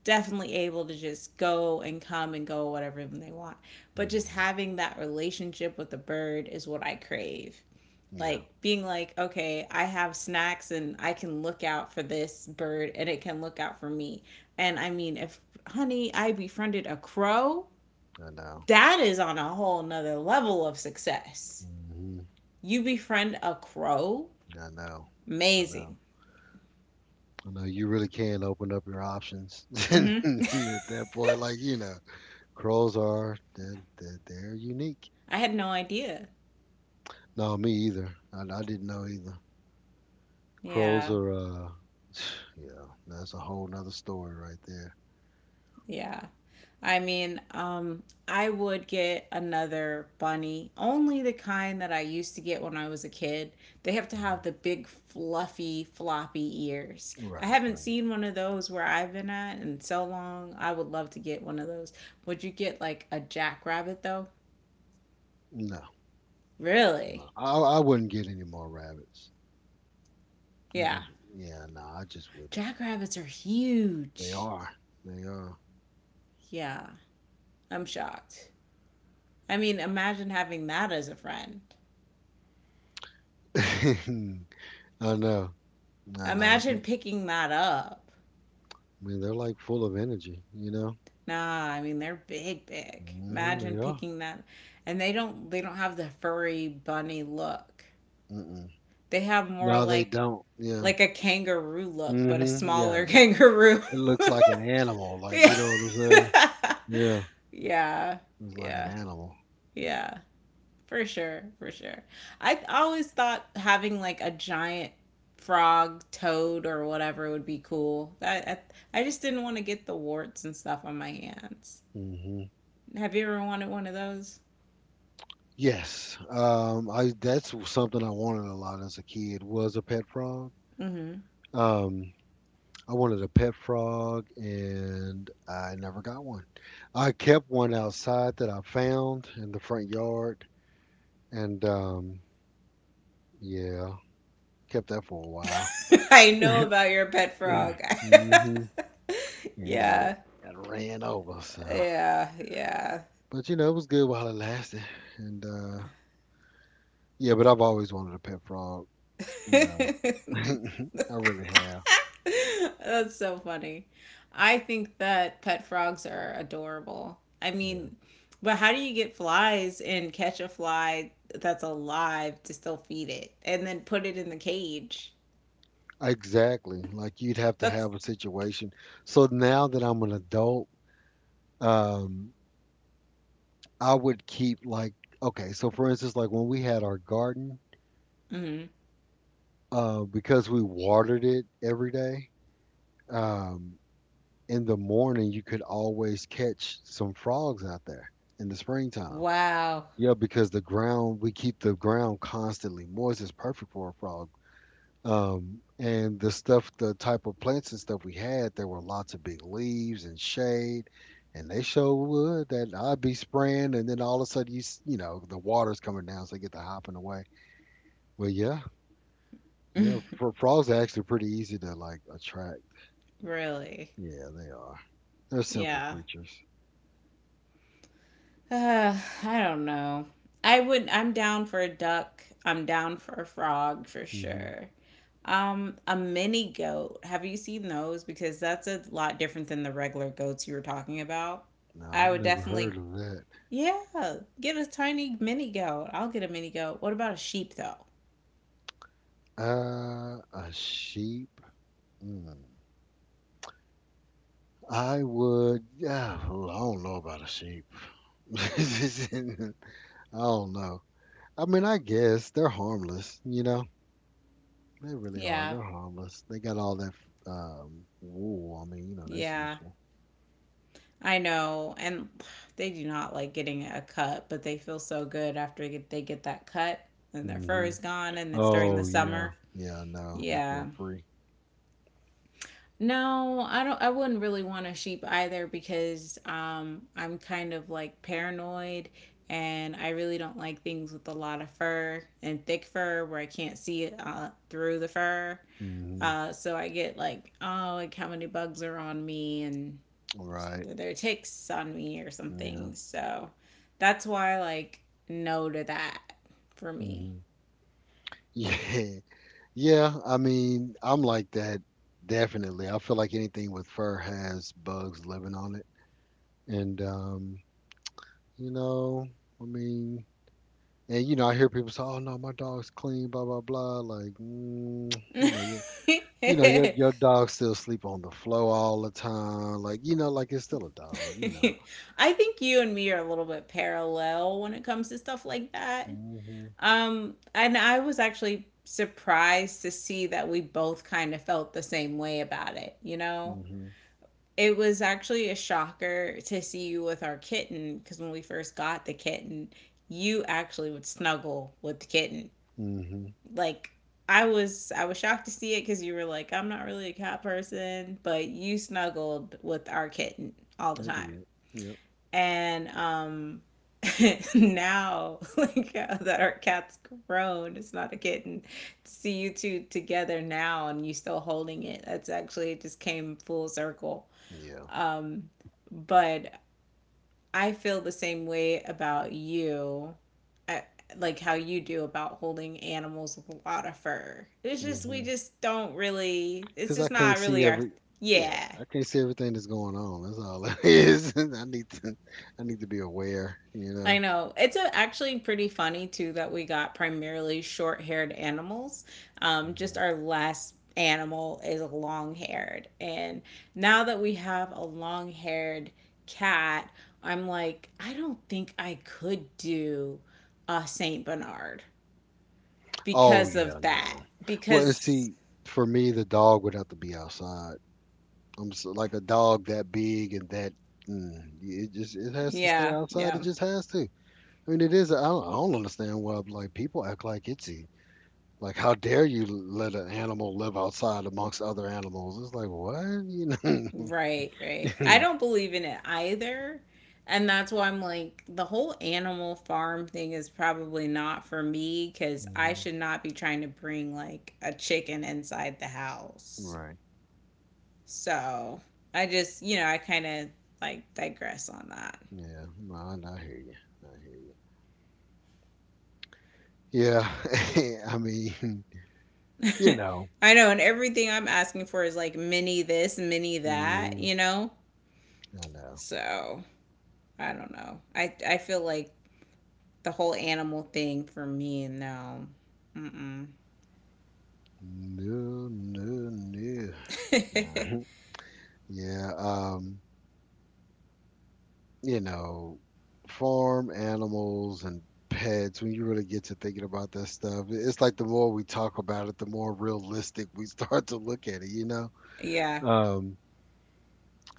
Speaker 2: definitely able to just go and come and go whatever they want. But just
Speaker 1: Hmm.
Speaker 2: having that relationship with the bird is what I crave,
Speaker 1: Yeah.
Speaker 2: like being like, okay, I have snacks and I can look out for this bird and it can look out for me. And I mean, if, honey, I befriended a crow,
Speaker 1: I know.
Speaker 2: that is on a whole nother level of success.
Speaker 1: Hmm.
Speaker 2: You befriend a crow,
Speaker 1: I know. I know.
Speaker 2: amazing.
Speaker 1: I know you really can open up your options at
Speaker 2: Mm-hmm.
Speaker 1: that point. Like you know, crows are they're unique.
Speaker 2: I had no idea.
Speaker 1: No, me either. I didn't know either. Crows
Speaker 2: Yeah.
Speaker 1: are, yeah, that's a whole nother story right there.
Speaker 2: Yeah. I mean, um, I would get another bunny, only the kind that I used to get when I was a kid. They have to
Speaker 1: Mhm.
Speaker 2: have the big, fluffy, floppy ears. I
Speaker 1: Right,
Speaker 2: haven't
Speaker 1: right.
Speaker 2: seen one of those where I've been at in so long. I would love to get one of those. Would you get like a jackrabbit though?
Speaker 1: No,
Speaker 2: Really?
Speaker 1: no, I wouldn't get any more rabbits. I
Speaker 2: Yeah.
Speaker 1: just, yeah, no, I just wouldn't.
Speaker 2: Jackrabbits are
Speaker 1: They
Speaker 2: huge.
Speaker 1: are, they are.
Speaker 2: Yeah. I'm shocked. I mean, imagine having that as a friend.
Speaker 1: I know, I know. I
Speaker 2: Imagine picking that up.
Speaker 1: mean, they're like full of energy, you know.
Speaker 2: Nah, I mean they're big, big.
Speaker 1: Mm.
Speaker 2: Imagine
Speaker 1: They are.
Speaker 2: picking that, and they don't have the furry bunny look. They have more
Speaker 1: No, they
Speaker 2: like
Speaker 1: don't. Yeah.
Speaker 2: like a kangaroo look, but a
Speaker 1: Hmm.
Speaker 2: smaller kangaroo.
Speaker 1: It looks like an animal. Like,
Speaker 2: yeah,
Speaker 1: you know what I'm saying? Yeah.
Speaker 2: yeah,
Speaker 1: It's like an
Speaker 2: yeah,
Speaker 1: animal.
Speaker 2: yeah, for sure, for sure. I always thought having like a giant frog, toad, or whatever would be cool. That I just didn't want to get the warts and stuff on my hands.
Speaker 1: Hmm.
Speaker 2: Have you ever wanted one of those?
Speaker 1: Yes. I that's something I wanted a lot as a kid was a pet frog.
Speaker 2: Mm-hmm.
Speaker 1: Um, I wanted a pet frog and I never got one. I kept one outside that I found in the front yard and yeah, kept that for a while.
Speaker 2: I know about your pet frog.
Speaker 1: Hmm. Yeah, he got
Speaker 2: Yeah,
Speaker 1: got ran over, so.
Speaker 2: yeah, yeah.
Speaker 1: But you know, it was good while it lasted. And yeah, but I've always wanted a pet frog, you know. I really have.
Speaker 2: That's so funny. I think that pet frogs are adorable. I
Speaker 1: Yeah.
Speaker 2: mean, but how do you get flies and catch a fly that's alive to still feed it and then put it in the cage?
Speaker 1: Exactly. Like you'd have to
Speaker 2: That's
Speaker 1: have a situation. So now that I'm an adult, um, I would keep like okay, so for instance, like when we had our garden,
Speaker 2: mhm.
Speaker 1: because we watered it every day, um, in the morning you could always catch some frogs out there in the springtime.
Speaker 2: Wow,
Speaker 1: Yeah, because the ground, we keep the ground constantly moist. It's perfect for a frog. And the stuff, the type of plants and stuff we had, there were lots of big leaves and shade, and they show wood that I'd be spraying, and then all of a sudden you, you know, the water's coming down, so they get to hopping away. Well, yeah, yeah, frogs are actually pretty easy to like attract.
Speaker 2: really.
Speaker 1: Yeah, they are. They're simple
Speaker 2: Yeah.
Speaker 1: creatures.
Speaker 2: Uh, I don't know. I would. I'm down for a duck. I'm down for a frog for
Speaker 1: Hmm.
Speaker 2: sure. A mini goat. Have you seen those? Because that's a lot different than the regular goats you were talking about.
Speaker 1: No,
Speaker 2: I
Speaker 1: I've
Speaker 2: would
Speaker 1: never heard
Speaker 2: definitely,
Speaker 1: of that.
Speaker 2: yeah, get a tiny mini goat. I'll get a mini goat. What about a sheep though?
Speaker 1: A sheep. Mm. I would, yeah, I don't know about a sheep. I don't know. I mean, I guess they're harmless, you know. They really are.
Speaker 2: Yeah,
Speaker 1: They're harmless. They got all that wool. I mean, that's
Speaker 2: yeah,
Speaker 1: useful.
Speaker 2: I know. And they do not like getting a cut, but they feel so good after they get that cut and their fur
Speaker 1: Hmm.
Speaker 2: is gone and it's during the
Speaker 1: Oh yeah,
Speaker 2: summer.
Speaker 1: yeah. No, they feel
Speaker 2: Yeah.
Speaker 1: free.
Speaker 2: No, I wouldn't really want a sheep either because I'm kind of like paranoid and I really don't like things with a lot of fur and thick fur where I can't see it through the fur.
Speaker 1: Hmm.
Speaker 2: Uh, so I get like, oh, like how many bugs are on me, and
Speaker 1: Right.
Speaker 2: there are ticks on me or
Speaker 1: Yeah.
Speaker 2: something. So that's why like no to that for me.
Speaker 1: Hmm. Yeah. Yeah. I mean, I'm like that. Definitely. I feel like anything with fur has bugs living on it, and you know, I mean, and I hear people say, "Oh no, my dog's clean," blah blah blah. Like, you know, your dog still sleep on the floor all the time. Like, like it's still a dog. You know.
Speaker 2: I think you and me are a little bit parallel when it comes to stuff like that.
Speaker 1: Mhm.
Speaker 2: And I was actually surprised to see that we both kind of felt the same way about it, you know?
Speaker 1: Mhm.
Speaker 2: It was actually a shocker to see you with our kitten because when we first got the kitten, you actually would snuggle with the kitten.
Speaker 1: Mhm.
Speaker 2: Like I was shocked to see it cuz you were like, I'm not really a cat person, but you snuggled with our kitten all the
Speaker 1: I
Speaker 2: time.
Speaker 1: did. Yep.
Speaker 2: And um, now like that our cat's grown, it's not a kitten, to see you two together now and you still holding it, that's actually, it just came full circle.
Speaker 1: Yeah.
Speaker 2: But I feel the same way about you. I, like how you do about holding animals with a lot of fur, it's just, we
Speaker 1: Mhm.
Speaker 2: just don't really, it's
Speaker 1: Cause I
Speaker 2: just
Speaker 1: can't
Speaker 2: not
Speaker 1: see
Speaker 2: really our,
Speaker 1: every. Yeah,
Speaker 2: yeah.
Speaker 1: I can't see everything that's going on. That's all it is. I need to. I need to be aware. You
Speaker 2: I
Speaker 1: know.
Speaker 2: know. It's a, actually pretty funny too that we got primarily short-haired animals. Just
Speaker 1: Mm-hmm.
Speaker 2: our last animal is long-haired, and now that we have a long-haired cat, I'm like, I don't think I could do a Saint Bernard
Speaker 1: Oh
Speaker 2: because
Speaker 1: yeah,
Speaker 2: of that.
Speaker 1: no. Well, and
Speaker 2: Because
Speaker 1: see, for me, the dog would have to be outside. I'm so, like a dog that big and that. Mm, it just it has to stay
Speaker 2: yeah,
Speaker 1: outside. It
Speaker 2: yeah.
Speaker 1: just has to. I mean, it is. I don't understand why like people act like it's like how dare you let an animal live outside amongst other animals? It's like what you
Speaker 2: Right, right. I
Speaker 1: know.
Speaker 2: don't believe in it either. And that's why I'm like, the whole animal farm thing is probably not for me because I
Speaker 1: Mhm.
Speaker 2: should not be trying to bring like a chicken inside the house.
Speaker 1: Right.
Speaker 2: So I just, you know, I like digress on
Speaker 1: Yeah. No, I hear you. I hear you. Yeah. I mean, you
Speaker 2: that.
Speaker 1: know.
Speaker 2: I know, and everything I'm asking for is like mini this, mini that,
Speaker 1: Mhm.
Speaker 2: you know?
Speaker 1: I know.
Speaker 2: So I don't know. I feel like the whole animal thing for me, no. Mm-mm.
Speaker 1: No, no, no. Mhm. Yeah, you know, farm animals and pets, when you really get to thinking about that stuff, it's like the more we talk about it, the more realistic we start to look at it, you know?
Speaker 2: Yeah.
Speaker 1: Um,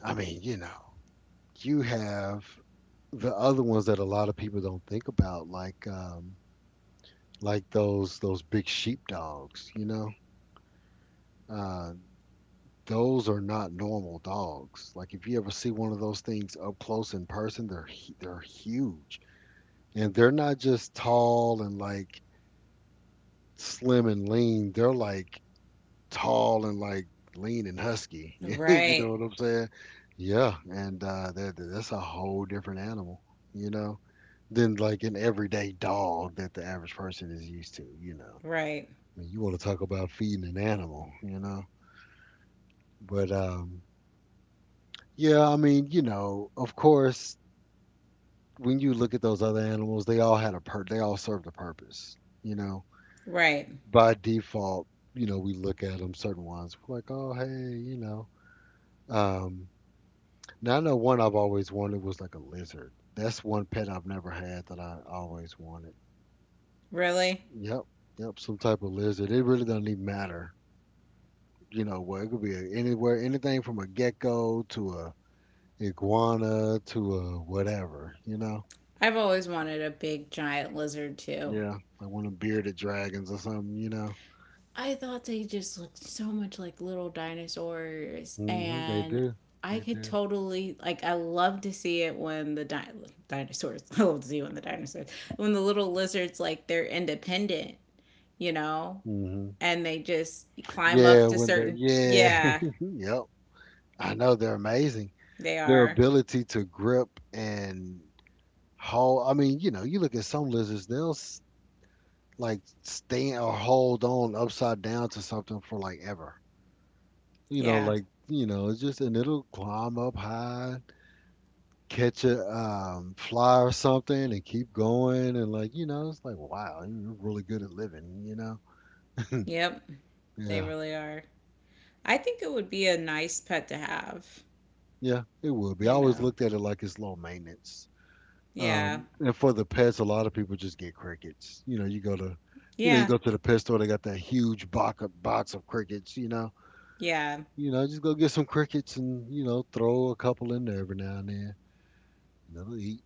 Speaker 1: I mean, you have the other ones that a lot of people don't think about, like those big sheep dogs, you know? Uh, Those are not normal dogs. Like if you ever see one of those things up close in person, they're they're huge. And they're not just tall and like slim and lean. They're like tall and like lean and husky. You know
Speaker 2: Right.
Speaker 1: what I'm saying? Yeah, and that's a whole different animal, you know, than like an everyday dog that the average person is used to.
Speaker 2: Right.
Speaker 1: I mean, you want to talk about feeding an animal. But yeah, I mean, of course, when you look at those other animals, they all had a they all served a purpose, you know.
Speaker 2: Right.
Speaker 1: By default, we look at them certain ones we're like, "Oh, hey, you know." Um, Now I know one I've always wanted was like a lizard. That's one pet I've never had that I always wanted.
Speaker 2: Really?
Speaker 1: Yep. Yep, some type of lizard. It really doesn't even matter. Well, it could be anywhere, anything from a gecko to a iguana to a whatever.
Speaker 2: I've always wanted a big giant lizard too.
Speaker 1: Yeah, like one of bearded dragons or something.
Speaker 2: I thought they just looked so much like little dinosaurs
Speaker 1: Hmm. They
Speaker 2: and
Speaker 1: do.
Speaker 2: I
Speaker 1: They
Speaker 2: could
Speaker 1: do.
Speaker 2: totally like, I love to see it when dinosaurs I love to see when the dinosaurs, when the little lizards, like they're independent, you know,
Speaker 1: Hmm.
Speaker 2: and they just climb up
Speaker 1: Yeah,
Speaker 2: to
Speaker 1: when they're
Speaker 2: certain,
Speaker 1: yeah.
Speaker 2: yeah,
Speaker 1: Yep. I know they're amazing.
Speaker 2: they
Speaker 1: Their
Speaker 2: are.
Speaker 1: ability to grip and hold, I mean, you look at some lizards, they'll like stand or hold on upside down to something for like ever.
Speaker 2: Yeah.
Speaker 1: Like, it's just and it'll climb up high catch a fly or something and keep going and like it's like wow you're really good at living.
Speaker 2: Yep. They
Speaker 1: Yeah,
Speaker 2: really are. I think it would be a nice pet to have,
Speaker 1: yeah, it would be I
Speaker 2: you
Speaker 1: always
Speaker 2: know.
Speaker 1: looked at it like it's low maintenance.
Speaker 2: Yeah.
Speaker 1: And for the pets a lot of people just get crickets. You
Speaker 2: Yeah.
Speaker 1: go to the pet store they got that huge box of crickets.
Speaker 2: Yeah.
Speaker 1: Just go get some crickets and throw a couple in there every now and then and they'll eat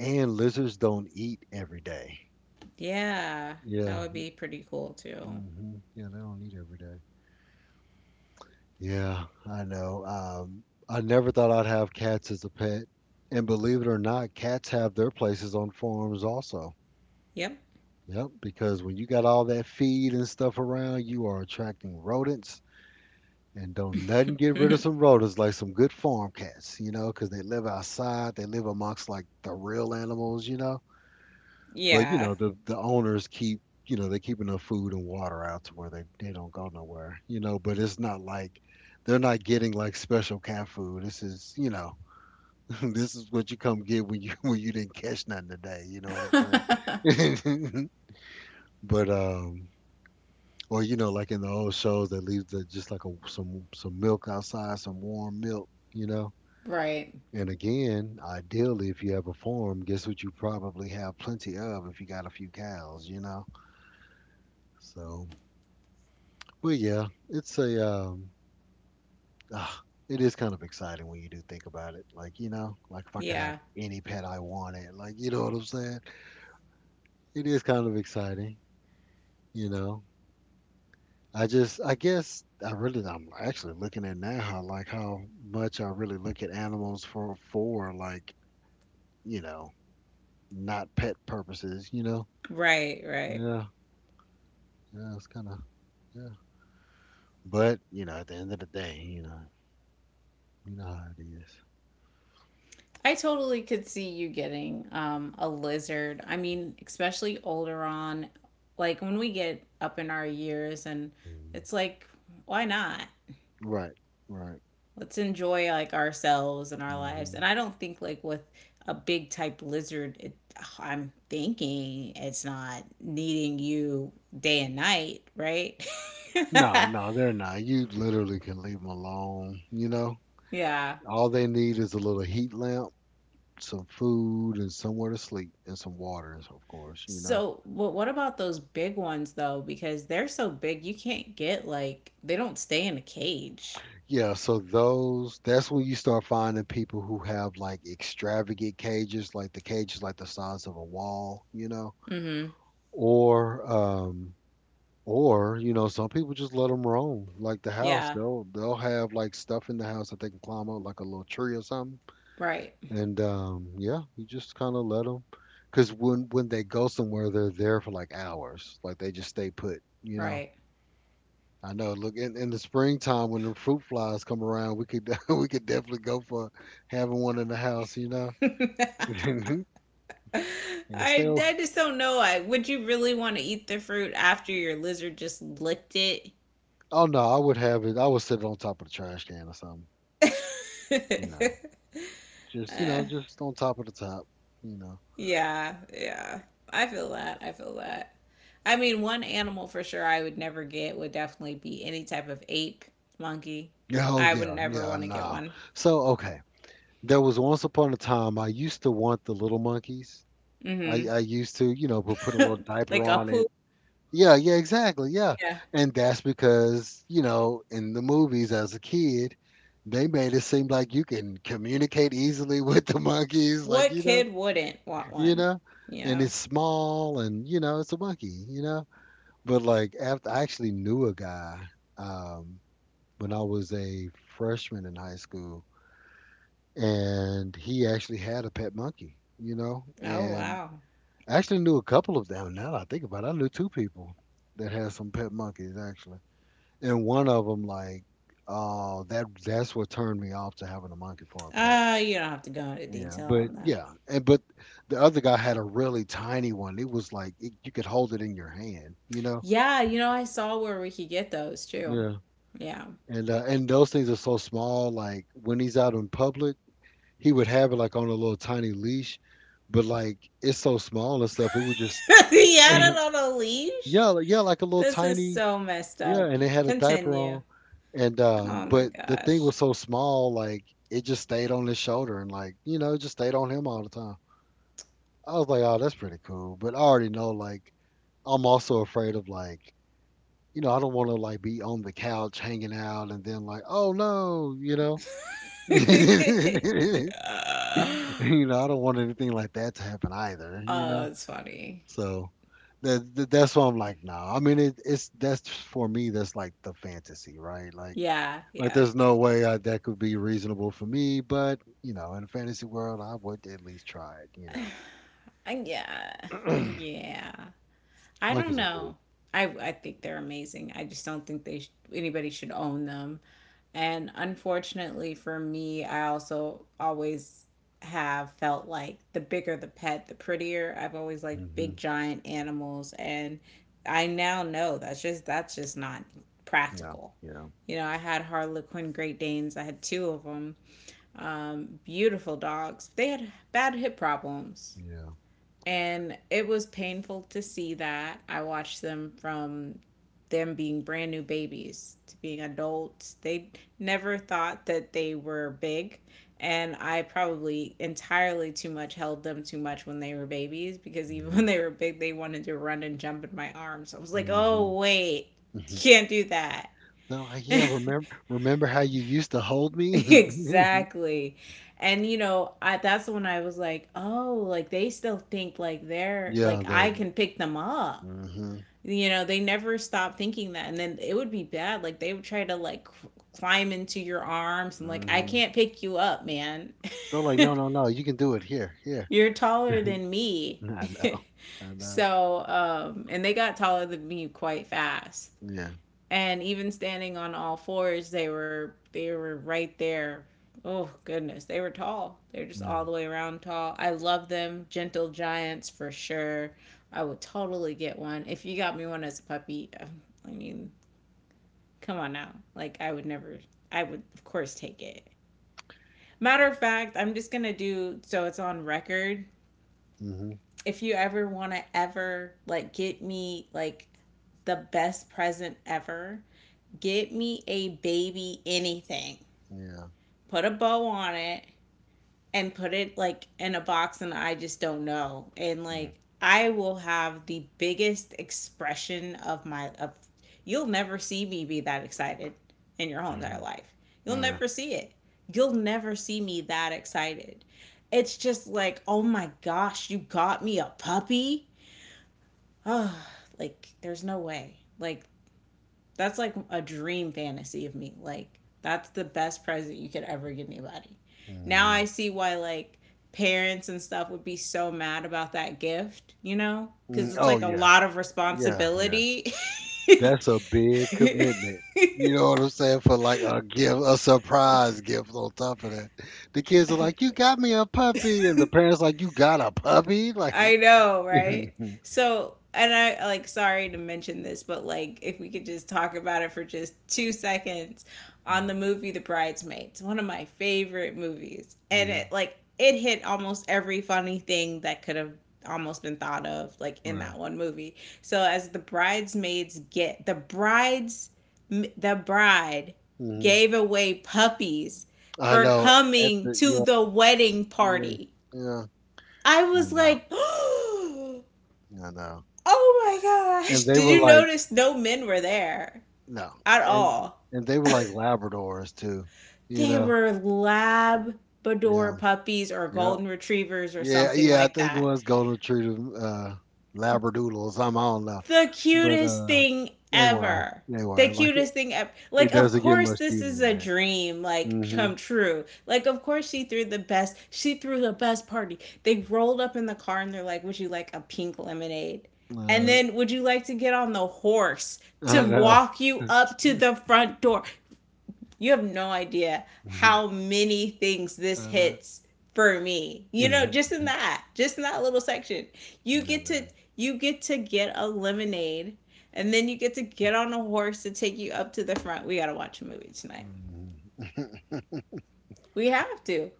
Speaker 1: and lizards don't eat every day.
Speaker 2: Yeah. That
Speaker 1: Yeah.
Speaker 2: would be pretty cool too.
Speaker 1: Hmm. Yeah, they don't eat every day. Yeah, I know. I never thought I'd have cats as a pet. And believe it or not, cats have their places on farms also.
Speaker 2: Yep.
Speaker 1: Yep, because when you got all that feed and stuff around, you are attracting rodents. And don't nothing get rid of some rodents like some good farm cats, because they live outside, they live amongst like the real animals. But
Speaker 2: yeah.
Speaker 1: the owners keep, they keep enough food and water out to where they don't go nowhere. But it's not like they're not getting like special cat food. This is you know this is what you come get when you when you didn't catch nothing today. You know what I'm saying? But. Or like in the old shows, they leave the just like a some milk outside, some warm milk, you know.
Speaker 2: Right.
Speaker 1: And again, ideally, if you have a farm, guess what you probably have plenty of if you got a few cows. So. But yeah, ah, it is kind of exciting when you do think about it. Like like if I could have
Speaker 2: Yeah.
Speaker 1: any pet I wanted, like you know what I'm saying. It is kind of exciting. You know, I just, I guess, I really, I'm actually looking at now how like how much I really look at animals for like you know not pet purposes. You know,
Speaker 2: Right, right.
Speaker 1: yeah, yeah, it's kind of yeah. But at the end of the day, you know how it is.
Speaker 2: I totally could see you getting a lizard. I mean, especially older on, like when we get up in our years, and
Speaker 1: Mhm.
Speaker 2: it's like, why not?
Speaker 1: Right, right.
Speaker 2: Let's enjoy like ourselves and our lives.
Speaker 1: Hmm.
Speaker 2: And I don't think like with a big type lizard, I'm thinking it's not needing you day and night, right?
Speaker 1: No, no, they're not. You literally can leave them alone.
Speaker 2: yeah.
Speaker 1: All they need is a little heat lamp, some food, and somewhere to sleep, and some water, and of course.
Speaker 2: So, but what about those big ones though? Because they're so big, you can't get like they don't stay in a cage.
Speaker 1: Yeah, so that's when you start finding people who have like extravagant cages like the size of a wall,
Speaker 2: Mm-hmm.
Speaker 1: or um, or some people just let them roam, like the house.
Speaker 2: Yeah.
Speaker 1: They'll have like stuff in the house that they can climb up, like a little tree or something.
Speaker 2: Right.
Speaker 1: And yeah, you just kind of let them, because when they go somewhere, they're there for like hours. Like they just stay put.
Speaker 2: Right.
Speaker 1: I know. Look, in the springtime when the fruit flies come around, we could we could definitely go for having one in the house.
Speaker 2: I
Speaker 1: Yeah, still.
Speaker 2: I just don't know. I would You really want to eat the fruit after your lizard just licked it?
Speaker 1: Oh no, I would have it. I would sit it on top of the trash can or something, you know. Just on top of the top, you know.
Speaker 2: yeah, yeah. I feel that. I feel that. I mean, one animal for sure I would never get would definitely be any type of ape, monkey.
Speaker 1: Yeah, oh
Speaker 2: I would
Speaker 1: yeah,
Speaker 2: never
Speaker 1: yeah,
Speaker 2: want to get
Speaker 1: nah.
Speaker 2: one.
Speaker 1: So okay, there was once upon a time I used to want the little monkeys. I
Speaker 2: Mhm.
Speaker 1: I used to, put a little diaper
Speaker 2: like a
Speaker 1: on it.
Speaker 2: poop.
Speaker 1: Yeah, yeah, exactly. Yeah.
Speaker 2: Yeah.
Speaker 1: And that's because, in the movies as a kid, they made it seem like you can communicate easily with the monkeys, like,
Speaker 2: What kid wouldn't want
Speaker 1: you
Speaker 2: one?
Speaker 1: know,
Speaker 2: You
Speaker 1: and
Speaker 2: know.
Speaker 1: it's small and, it's a monkey. But like after I actually knew a guy um when I was a freshman in high school and he actually had a pet monkey,
Speaker 2: Oh
Speaker 1: and
Speaker 2: wow.
Speaker 1: I actually knew a couple of them. Now that I think about it, I knew two people that had some pet monkeys actually, and one of them like, oh, that's what turned me off to having a monkey for a pet.
Speaker 2: You don't have to go into
Speaker 1: Yeah,
Speaker 2: detail
Speaker 1: but
Speaker 2: on that.
Speaker 1: yeah, and but the other guy had a really tiny one. It was like you could hold it in your hand.
Speaker 2: Yeah, you know, I saw where we could get those too.
Speaker 1: Yeah.
Speaker 2: Yeah.
Speaker 1: And those things are so small. Like when he's out in public, he would have it like on a little tiny leash, but like it's so small and stuff, it would just
Speaker 2: he had it on a
Speaker 1: yeah,
Speaker 2: leash?
Speaker 1: yeah, like a little
Speaker 2: This is
Speaker 1: tiny.
Speaker 2: so messed
Speaker 1: Yeah,
Speaker 2: up.
Speaker 1: and it had a diaper
Speaker 2: Continue.
Speaker 1: on, and
Speaker 2: Oh my
Speaker 1: but the thing
Speaker 2: gosh.
Speaker 1: was so small, like it just stayed on his shoulder, and like it just stayed on him all the time. I was like, oh, that's pretty cool, but I already know, like, I'm also afraid of like, I don't want to like be on the couch hanging out, and then like, oh no, you
Speaker 2: uh,
Speaker 1: I don't want anything like that to happen either, you
Speaker 2: oh,
Speaker 1: know.
Speaker 2: it's funny.
Speaker 1: So that's why I'm like, no. I mean, it, it's that's for me. That's like the fantasy, right? Like
Speaker 2: Yeah,
Speaker 1: Like,
Speaker 2: yeah.
Speaker 1: there's no way that could be reasonable for me, but in a fantasy world, I would at least try it. You know,
Speaker 2: Yeah. Yeah. I don't
Speaker 1: monkeys are cool.
Speaker 2: know. I think they're amazing. I just don't think they anybody should own them. And unfortunately for me, I also always have felt like the bigger the pet, the prettier. I've always liked
Speaker 1: Hmm.
Speaker 2: big giant animals, and I now know that's just not
Speaker 1: Yeah,
Speaker 2: practical.
Speaker 1: yeah,
Speaker 2: You know, I had Harlequin Great Danes. I had two of them. Beautiful dogs. They had bad hip problems,
Speaker 1: yeah,
Speaker 2: and it was painful to see that. I watched them from them being brand new babies to being adults. They never thought that they were big. And I probably entirely too much held them too much when they were babies, because even
Speaker 1: yeah.
Speaker 2: when they were big, they wanted to run and jump in my arms. I was like,
Speaker 1: Hmm.
Speaker 2: oh, wait,
Speaker 1: Hmm.
Speaker 2: can't do that.
Speaker 1: No, yeah. Remember, how you used to hold me?
Speaker 2: exactly. And you know, that's when I was like, oh, like they still think like they're
Speaker 1: Yeah,
Speaker 2: like I
Speaker 1: they're.
Speaker 2: can pick them up.
Speaker 1: Hmm.
Speaker 2: You know, they never stop thinking that. And then it would be bad, like they would try to like climb into your arms, and like I
Speaker 1: Hmm.
Speaker 2: can't pick you up, man.
Speaker 1: They're like, no, no, no. You can do it here, here.
Speaker 2: you're taller than me.
Speaker 1: I know, I know.
Speaker 2: So, and they got taller than me quite fast,
Speaker 1: Yeah,
Speaker 2: and even standing on all fours, they were right there. Oh goodness, they were tall. They're just all
Speaker 1: yeah.
Speaker 2: the way around tall. I love them, gentle giants for sure. I would totally get one if you got me one as a puppy, I mean. Come on now. Like I would never, I would of course take it. Matter of fact, I'm just gonna do so it's on record.
Speaker 1: Hmm.
Speaker 2: If you ever wanna ever like get me like the best present ever, get me a baby anything.
Speaker 1: Yeah.
Speaker 2: Put a bow on it, and put it like in a box, and I just don't know. And like I will have the biggest expression of my of You'll never see me be that excited in your whole entire
Speaker 1: Mm-hmm.
Speaker 2: life. You'll
Speaker 1: Yeah.
Speaker 2: never see it. You'll never see me that excited. It's just like, oh my gosh, you got me a puppy. Oh, like there's no way. Like that's like a dream fantasy of me. Like that's the best present you could ever give anybody. Now
Speaker 1: Hmm.
Speaker 2: I see why like parents and stuff would be so mad about that gift, you know?
Speaker 1: Mm,
Speaker 2: Cuz it's
Speaker 1: oh
Speaker 2: like a
Speaker 1: yeah,
Speaker 2: lot of
Speaker 1: yeah, yeah.
Speaker 2: responsibility.
Speaker 1: That's a big commitment. You know what I'm saying? For like a gift, a surprise gift on top of that. The kids are like, "You got me a puppy." And the parents like, "You got a puppy?" Like
Speaker 2: I know, right? So, and I like sorry to mention this, but like if we could just talk about it for just 2 seconds on the
Speaker 1: Mhm.
Speaker 2: movie The Bridesmaids, one of my favorite movies. And it
Speaker 1: Mhm.
Speaker 2: like it hit almost every funny thing that could have almost been thought of like in
Speaker 1: Right.
Speaker 2: that one movie. So as the bridesmaids get the bride
Speaker 1: Hmm.
Speaker 2: gave away puppies
Speaker 1: I
Speaker 2: for
Speaker 1: know. At
Speaker 2: coming
Speaker 1: the
Speaker 2: to
Speaker 1: Yeah,
Speaker 2: the wedding
Speaker 1: yeah,
Speaker 2: party.
Speaker 1: yeah.
Speaker 2: I
Speaker 1: I
Speaker 2: was
Speaker 1: know.
Speaker 2: like, oh
Speaker 1: I know.
Speaker 2: my gosh.
Speaker 1: And they
Speaker 2: Did
Speaker 1: were
Speaker 2: you
Speaker 1: like
Speaker 2: notice no men were there
Speaker 1: no.
Speaker 2: at
Speaker 1: And
Speaker 2: all?
Speaker 1: and they were like Labradors too. You
Speaker 2: They
Speaker 1: know?
Speaker 2: were Labrador
Speaker 1: Yeah.
Speaker 2: puppies or
Speaker 1: Yeah.
Speaker 2: Golden Retrievers or
Speaker 1: Yeah,
Speaker 2: something
Speaker 1: yeah, I
Speaker 2: like
Speaker 1: think it
Speaker 2: that.
Speaker 1: was golden retriever, labradoodle or something. I don't know,
Speaker 2: The
Speaker 1: but
Speaker 2: cutest thing
Speaker 1: they were,
Speaker 2: ever.
Speaker 1: they
Speaker 2: The
Speaker 1: were like it.
Speaker 2: cutest thing ever. Like,
Speaker 1: It
Speaker 2: of
Speaker 1: doesn't get
Speaker 2: course,
Speaker 1: much
Speaker 2: this
Speaker 1: cuter
Speaker 2: is
Speaker 1: than
Speaker 2: a
Speaker 1: that.
Speaker 2: dream, like,
Speaker 1: Hmm.
Speaker 2: come true. Like, of course, she threw the best party. They rolled up in the car and they're like, would you like a pink lemonade? And
Speaker 1: Uh,
Speaker 2: then, would you like to get on the horse to
Speaker 1: I know.
Speaker 2: walk you up to the front door? You have no idea
Speaker 1: Mhm.
Speaker 2: how many things
Speaker 1: I
Speaker 2: this
Speaker 1: know.
Speaker 2: hits for me. You know,
Speaker 1: Mhm.
Speaker 2: just in that little section. You
Speaker 1: I
Speaker 2: get to
Speaker 1: know.
Speaker 2: you get to get a lemonade, and then you get to get on a horse to take you up to the front. We got to watch a movie tonight.
Speaker 1: Mhm.
Speaker 2: We have to.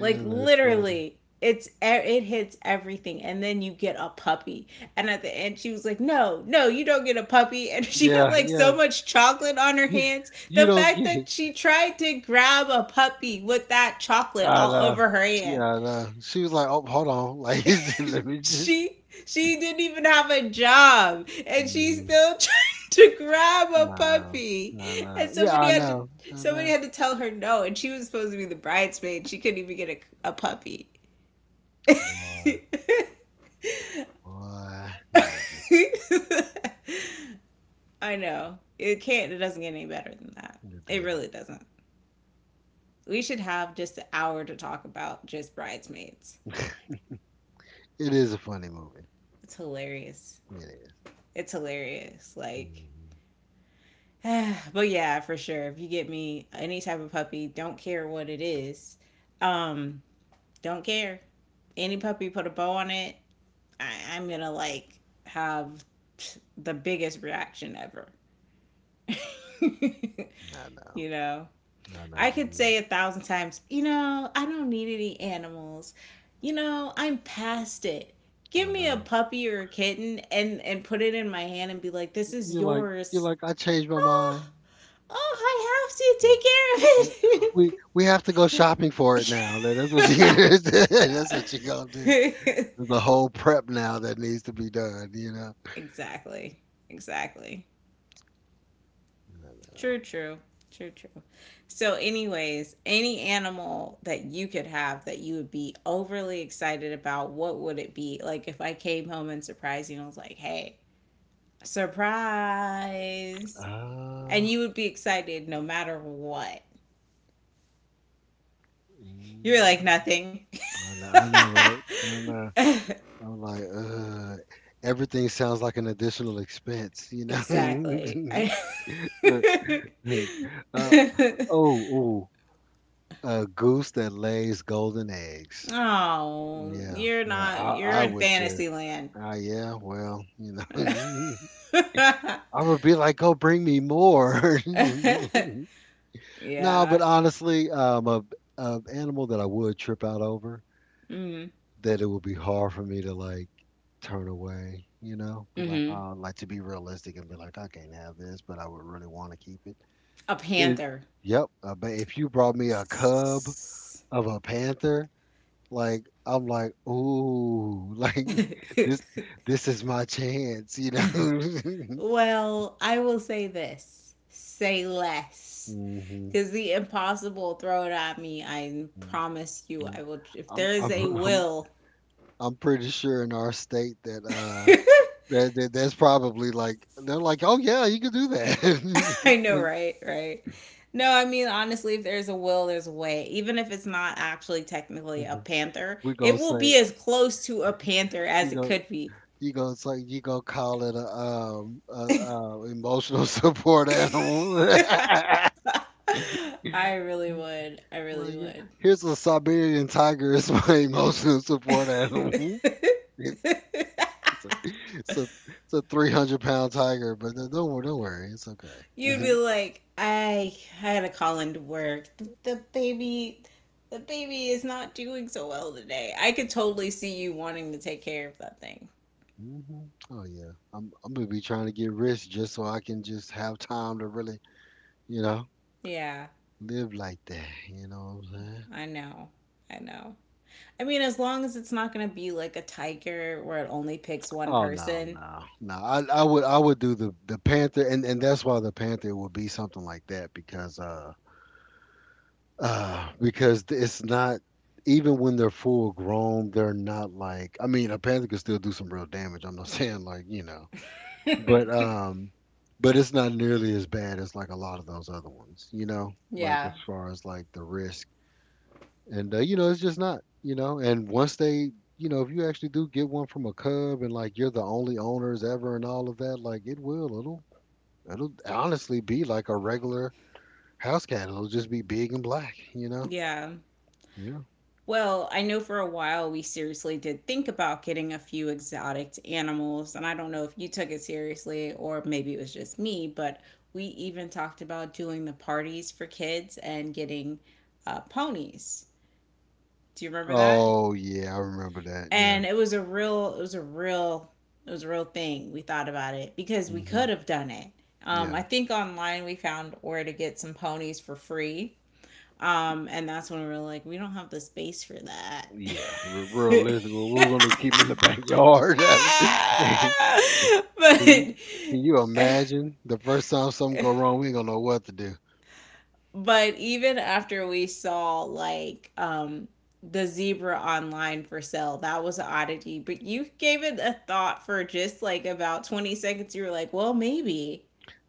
Speaker 2: Like
Speaker 1: that's funny.
Speaker 2: literally, it hits everything, and then you get a puppy, and at the end she was like, no, no, you don't get a puppy, and she had
Speaker 1: Yeah,
Speaker 2: like
Speaker 1: yeah.
Speaker 2: so much chocolate on her
Speaker 1: You
Speaker 2: hands,
Speaker 1: you
Speaker 2: the
Speaker 1: don't
Speaker 2: fact
Speaker 1: get it.
Speaker 2: that she tried to grab a puppy with that chocolate
Speaker 1: I
Speaker 2: all
Speaker 1: know.
Speaker 2: over her hand.
Speaker 1: I know. She was like, "Oh, hold on, like let me just."
Speaker 2: She she didn't even have a job, and she
Speaker 1: Hmm.
Speaker 2: still tried to grab a
Speaker 1: I know.
Speaker 2: puppy,
Speaker 1: I know.
Speaker 2: and
Speaker 1: Yeah,
Speaker 2: somebody
Speaker 1: I
Speaker 2: had to
Speaker 1: know. I
Speaker 2: somebody
Speaker 1: know.
Speaker 2: had to tell her no, and she was supposed to be the bridesmaid. She couldn't even get a puppy.
Speaker 1: Boy, boy, no,
Speaker 2: I know. It can't, it doesn't get any better than that.
Speaker 1: it
Speaker 2: It
Speaker 1: didn't.
Speaker 2: really doesn't. We should have just an hour to talk about just bridesmaids.
Speaker 1: It is a funny movie.
Speaker 2: It's hilarious.
Speaker 1: It is.
Speaker 2: It's hilarious. Like
Speaker 1: Mm-hmm.
Speaker 2: but yeah, for sure. If you get me any type of puppy, don't care what it is. Um, don't care. Any puppy, put a bow on it, I'm gonna like have the biggest reaction ever. you
Speaker 1: I know.
Speaker 2: know?
Speaker 1: I know
Speaker 2: I could
Speaker 1: you
Speaker 2: say a thousand times, you know, I don't need any animals. You know, I'm past it.
Speaker 1: will.
Speaker 2: Give
Speaker 1: I
Speaker 2: me a
Speaker 1: know.
Speaker 2: puppy or a kitten, and put it in my hand and be like, this is
Speaker 1: You're like, you're
Speaker 2: yours.
Speaker 1: like, I changed my
Speaker 2: Oh,
Speaker 1: mind.
Speaker 2: oh, I
Speaker 1: I,
Speaker 2: have to
Speaker 1: we
Speaker 2: take
Speaker 1: we have to go shopping for it now. That's what you that's what you gonna do.
Speaker 2: care of it.
Speaker 1: There's a whole prep now that needs to be done. You know.
Speaker 2: exactly. Exactly. True, true. True, true. So, anyways, any animal that you could have that you would be overly excited about, what would it be? Like if I came home and surprised you and was like, hey, surprise.
Speaker 1: Uh,
Speaker 2: And you would be excited no matter what. You're like,
Speaker 1: mm,
Speaker 2: nothing.
Speaker 1: I know. I know, right? I know. I'm like, everything sounds like an additional expense, you know?
Speaker 2: exactly.
Speaker 1: Look, uh, oh, ooh, a goose that lays golden eggs.
Speaker 2: Oh,
Speaker 1: Yeah,
Speaker 2: you're
Speaker 1: yeah,
Speaker 2: not, you're
Speaker 1: I
Speaker 2: in
Speaker 1: would just,
Speaker 2: fantasy land.
Speaker 1: yeah, well, I would be like, go bring me more. No,
Speaker 2: yeah.
Speaker 1: but honestly, a animal that I would trip out over,
Speaker 2: Mm.
Speaker 1: that it would be hard for me to like turn away, you know, be like,
Speaker 2: Hmm.
Speaker 1: oh, like to be realistic and be like, I can't have this, but I would really want to keep it.
Speaker 2: A
Speaker 1: it
Speaker 2: panther.
Speaker 1: yep. But if you brought me a cub of a panther, like I'm like, ooh, like this, this is my chance, you know.
Speaker 2: well, I will say this. Say less.
Speaker 1: Hmm.
Speaker 2: Because the impossible throw it at me. I promise you I will if
Speaker 1: I'm,
Speaker 2: there
Speaker 1: I'm,
Speaker 2: is a
Speaker 1: I'm,
Speaker 2: will.
Speaker 1: I'm pretty sure in our state that that's probably like they're like, oh yeah, you can do
Speaker 2: I know,
Speaker 1: that.
Speaker 2: right? Right. No, I mean honestly, if there's a will, there's a way. Even if it's not actually technically a panther,
Speaker 1: we
Speaker 2: it
Speaker 1: gonna
Speaker 2: will be
Speaker 1: say
Speaker 2: as close to a panther
Speaker 1: we
Speaker 2: as it
Speaker 1: gonna
Speaker 2: could be.
Speaker 1: you gonna say you gonna call it a emotional support animal.
Speaker 2: I really would. I really
Speaker 1: Like yeah,
Speaker 2: would.
Speaker 1: here's a Siberian tiger is my emotional support animal. It- It's a it's a 300-pound tiger, but don't worry, it's okay.
Speaker 2: You'd be
Speaker 1: Hmm.
Speaker 2: like, I had to call into work. The baby is not doing so well today. I could totally see you wanting to take care of that thing.
Speaker 1: Hmm. Oh yeah, I'm gonna be trying to get rich just so I can just have time to really, you know,
Speaker 2: Yeah,
Speaker 1: live like that. You know what I'm saying?
Speaker 2: I know. I know. I mean, as long as it's not gonna be like a tiger where it only picks one
Speaker 1: Oh no,
Speaker 2: person.
Speaker 1: no, no. I would do the Panther, and that's why the Panther would be something like that because it's not even when they're full grown, they're not like, I mean a Panther could still do some real damage. I'm not saying like you know, but but it's not nearly as bad as like a lot of those other ones, you know. Like
Speaker 2: Yeah.
Speaker 1: as far as like the risk and you know it's just not and once they if you actually do get one from a cub and like you're the only owners ever and all of that like it will it'll it'll honestly be like a regular house cat, it'll just be big and black.
Speaker 2: Yeah.
Speaker 1: yeah.
Speaker 2: Well, I know for a while we seriously did think about getting a few exotic animals, and I don't know if you took it seriously or maybe it was just me, but we even talked about doing the parties for kids and getting ponies. Do you remember that?
Speaker 1: Oh yeah, I remember that. Yeah.
Speaker 2: And it was a real, it was a real, it was a real thing. We thought about it because we
Speaker 1: Hmm.
Speaker 2: could have done it.
Speaker 1: Yeah.
Speaker 2: I think online we found where to get some ponies for free, and that's when we were like, we don't have the space for that.
Speaker 1: Yeah. Realistic, well, we're gonna keep him in the backyard.
Speaker 2: but
Speaker 1: You can you imagine the first time something go wrong, we ain't gonna know what to do.
Speaker 2: but even after we saw like the zebra online for sale, that was an oddity. But you gave it a thought for just like about 20 seconds. You were like, well, maybe,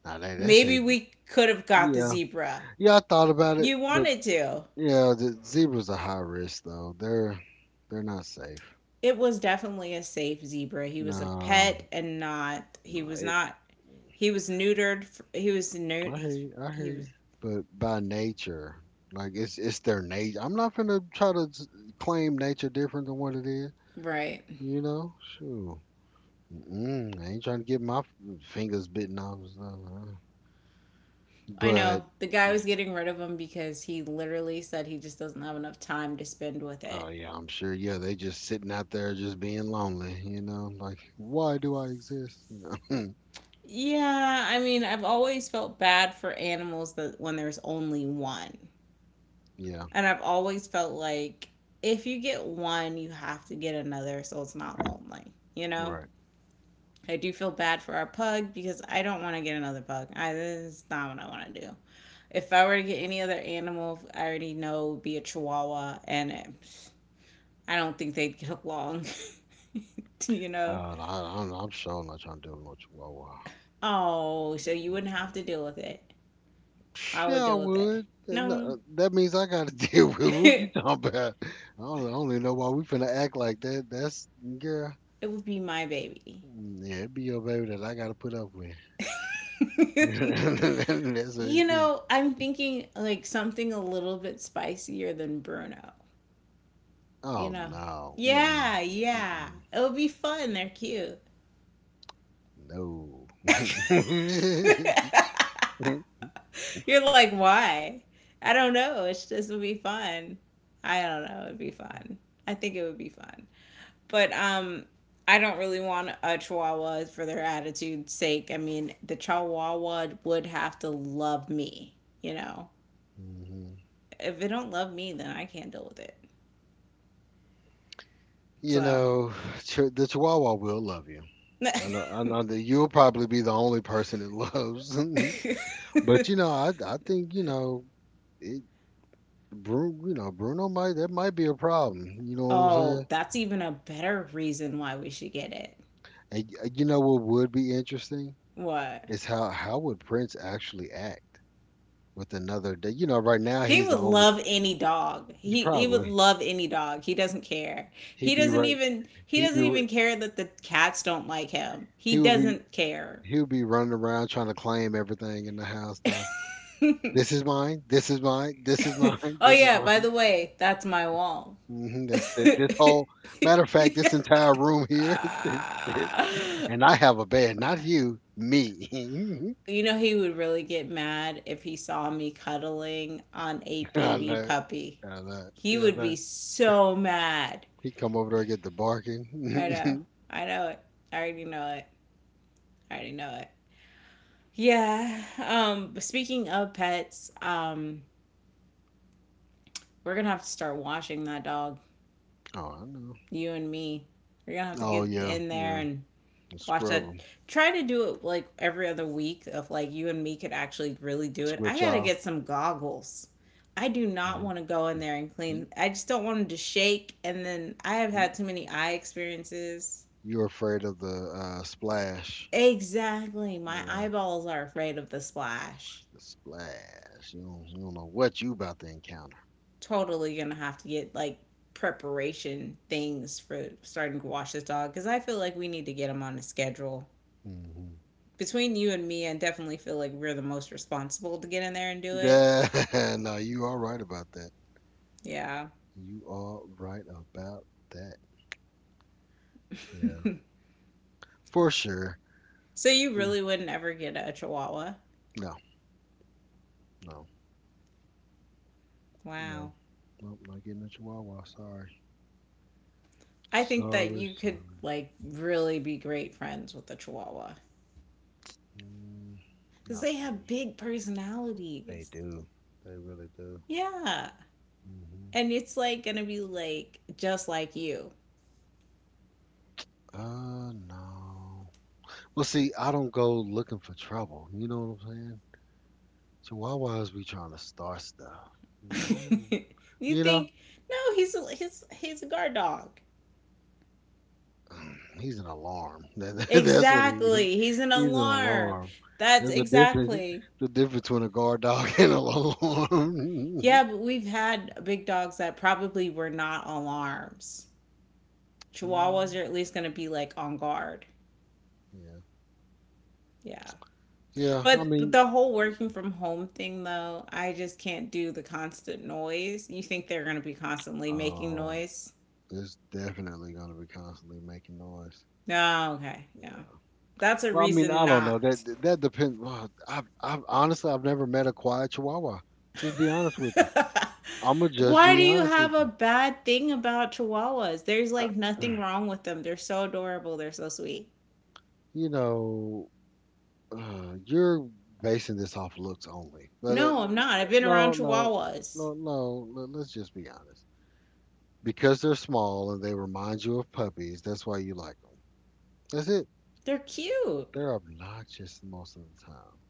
Speaker 1: Now they say
Speaker 2: maybe we could have got the
Speaker 1: yeah.
Speaker 2: zebra.
Speaker 1: Yeah, I thought about it,
Speaker 2: You
Speaker 1: but
Speaker 2: wanted to.
Speaker 1: yeah, the zebras are high risk though. They're not safe.
Speaker 2: It was definitely a safe zebra. He was a
Speaker 1: No,
Speaker 2: pet and not, he
Speaker 1: no.
Speaker 2: was not, he was neutered. He was neutered.
Speaker 1: I
Speaker 2: He,
Speaker 1: hear you. I
Speaker 2: he
Speaker 1: hear you.
Speaker 2: was
Speaker 1: But by nature, like it's their nature. I'm not gonna try to claim nature different than what it is.
Speaker 2: right.
Speaker 1: You know, sure. Mm-mm, I ain't trying to get my fingers bitten off and stuff.
Speaker 2: I know
Speaker 1: But
Speaker 2: the guy was getting rid of him because he literally said he just doesn't have enough time to spend with it.
Speaker 1: oh yeah, I'm sure. Yeah, they just sitting out there, just being lonely. You know, like, why do I exist? You know.
Speaker 2: Yeah, I mean, I've always felt bad for animals that when there's only one.
Speaker 1: Yeah.
Speaker 2: And I've always felt like if you get one, you have to get another so it's not lonely, you know?
Speaker 1: Right.
Speaker 2: I do feel bad for our pug because I don't want to get another pug. I, this is not what I want to do. If I were to get any other animal, I already know it would be a chihuahua, and I don't think they'd get along. You know?
Speaker 1: I'm sure not trying to deal with no chihuahua.
Speaker 2: Oh, so you wouldn't have
Speaker 1: Mm-mm.
Speaker 2: to deal with it. I would
Speaker 1: Yeah, I
Speaker 2: deal with it.
Speaker 1: would. No,
Speaker 2: No,
Speaker 1: that means I got to deal with it. What you
Speaker 2: it
Speaker 1: talking about. I don't even know why we finna act like that. That's girl.
Speaker 2: would be my baby.
Speaker 1: Mm, yeah, it be your baby that I got to put up with. That's what
Speaker 2: You
Speaker 1: it be.
Speaker 2: know, I'm thinking like something a little bit spicier than Bruno. You
Speaker 1: Oh
Speaker 2: know.
Speaker 1: no. Mm-mm.
Speaker 2: Yeah, yeah.
Speaker 1: Mm-mm.
Speaker 2: It would be fun. They're cute.
Speaker 1: No.
Speaker 2: You're like, why? I don't know. It's just it would be fun. I don't know. It'd be fun. I think it would be fun. But I don't really want a chihuahua for their attitude's sake. I mean, the chihuahua would have to love me, you know.
Speaker 1: Mhm.
Speaker 2: If it don't love me, then I can't deal with it.
Speaker 1: You
Speaker 2: So.
Speaker 1: know, the Chihuahua will love you. I know that you'll probably be the only person it loves, but you know, I think it, Bruno, Bruno might that might be a problem. You know what I'm
Speaker 2: Oh,
Speaker 1: saying?
Speaker 2: that's even a better reason why we should get it.
Speaker 1: And you know what would be interesting
Speaker 2: What?
Speaker 1: is how would Prince actually act with another day. You know, right now
Speaker 2: He
Speaker 1: he's the
Speaker 2: would
Speaker 1: only.
Speaker 2: love any dog. He would
Speaker 1: Probably
Speaker 2: love any dog. He doesn't care.
Speaker 1: he'd
Speaker 2: He
Speaker 1: be
Speaker 2: doesn't
Speaker 1: right.
Speaker 2: even he
Speaker 1: he'd be
Speaker 2: doesn't
Speaker 1: ru-
Speaker 2: even care that the cats don't like him. He
Speaker 1: he would be
Speaker 2: doesn't care.
Speaker 1: he would be running around trying to claim everything in the house now.
Speaker 2: Oh
Speaker 1: This is mine. This is mine. This is mine. This is
Speaker 2: yeah, by
Speaker 1: mine.
Speaker 2: the way, that's my wall.
Speaker 1: Hmm. This whole, matter of fact, this entire room here,
Speaker 2: Ah.
Speaker 1: and I have a bed, not you, me.
Speaker 2: You know he would really get mad if he saw me cuddling on a
Speaker 1: I
Speaker 2: baby
Speaker 1: know,
Speaker 2: puppy.
Speaker 1: I know,
Speaker 2: He
Speaker 1: yeah, I
Speaker 2: would be
Speaker 1: know.
Speaker 2: so mad.
Speaker 1: He come over there and get the
Speaker 2: I know.
Speaker 1: barking.
Speaker 2: I know it. I already know it. I already know it. Yeah. Speaking of pets, we're gonna have to start washing that dog.
Speaker 1: Oh, I know.
Speaker 2: You and me. We're gonna have to
Speaker 1: Oh
Speaker 2: get
Speaker 1: yeah,
Speaker 2: in there
Speaker 1: yeah.
Speaker 2: and watch
Speaker 1: Scrub them,
Speaker 2: that. Try to do it like every other week. If like you and me could actually really do it. I
Speaker 1: switch
Speaker 2: gotta
Speaker 1: off.
Speaker 2: get some goggles. I do not want to go in
Speaker 1: Yeah.
Speaker 2: there and
Speaker 1: You,
Speaker 2: clean. I just don't want them to shake. And then I have
Speaker 1: you,
Speaker 2: had too many eye experiences.
Speaker 1: you're afraid of the splash.
Speaker 2: Exactly. My
Speaker 1: Yeah,
Speaker 2: eyeballs are afraid of the splash.
Speaker 1: the splash. You don't know what you about to encounter.
Speaker 2: Totally gonna have to get like preparation things for starting to wash this dog because I feel like we need to get him on a schedule.
Speaker 1: Hmm.
Speaker 2: Between you and me, I definitely feel like we're the most responsible to get in there and do it.
Speaker 1: Yeah, no, you are right about that.
Speaker 2: Yeah.
Speaker 1: You are right about that. Yeah. For sure.
Speaker 2: So you
Speaker 1: Mm.
Speaker 2: really wouldn't ever get a chihuahua?
Speaker 1: No, no,
Speaker 2: Wow.
Speaker 1: no. Nope, not getting a chihuahua. Sorry.
Speaker 2: I think that
Speaker 1: Sorry,
Speaker 2: you could
Speaker 1: sorry.
Speaker 2: like really be great friends with a chihuahua
Speaker 1: Mm,
Speaker 2: because
Speaker 1: not
Speaker 2: they
Speaker 1: for me.
Speaker 2: have big
Speaker 1: They
Speaker 2: personalities.
Speaker 1: do. They really do.
Speaker 2: Yeah.
Speaker 1: Hmm.
Speaker 2: And it's like gonna be like just like you.
Speaker 1: No. Well, see, I don't go looking for trouble. You know what I'm saying? Chihuahuas be trying to start stuff. You know?
Speaker 2: You
Speaker 1: You know?
Speaker 2: think no, he's a, he's a guard dog.
Speaker 1: He's an alarm. That's what he.
Speaker 2: Exactly. He's an
Speaker 1: He's an
Speaker 2: alarm.
Speaker 1: alarm.
Speaker 2: That's
Speaker 1: There's a difference.
Speaker 2: exactly.
Speaker 1: The difference between a guard dog and an alarm.
Speaker 2: Yeah, but we've had big dogs that probably were not alarms. Chihuahuas
Speaker 1: Mm,
Speaker 2: are at least going to be like on guard.
Speaker 1: yeah.
Speaker 2: Yeah.
Speaker 1: Yeah. I
Speaker 2: But
Speaker 1: mean,
Speaker 2: the whole working from home thing, though, I just can't do the constant noise. You think they're going to be constantly making
Speaker 1: oh,
Speaker 2: noise?
Speaker 1: it's definitely gonna be constantly making noise.
Speaker 2: No, okay. Yeah.
Speaker 1: Yeah.
Speaker 2: That's a
Speaker 1: Well, I mean,
Speaker 2: reason
Speaker 1: I don't know. That
Speaker 2: not.
Speaker 1: that that depends. Well, I've honestly, I've never met a quiet Chihuahua. Just be honest with you. I'm gonna just
Speaker 2: Why do
Speaker 1: be
Speaker 2: you
Speaker 1: honest
Speaker 2: have
Speaker 1: with
Speaker 2: a
Speaker 1: you.
Speaker 2: bad thing about chihuahuas? There's
Speaker 1: I,
Speaker 2: like nothing wrong with them. They're so adorable. They're so sweet.
Speaker 1: you know, you're basing this off looks only. But
Speaker 2: No, I'm not. I've been
Speaker 1: no,
Speaker 2: around
Speaker 1: no,
Speaker 2: chihuahuas.
Speaker 1: no, no. Let's just be honest. Because they're small and they remind you of puppies, that's why you like them. That's it.
Speaker 2: They're cute.
Speaker 1: They're obnoxious most of the time.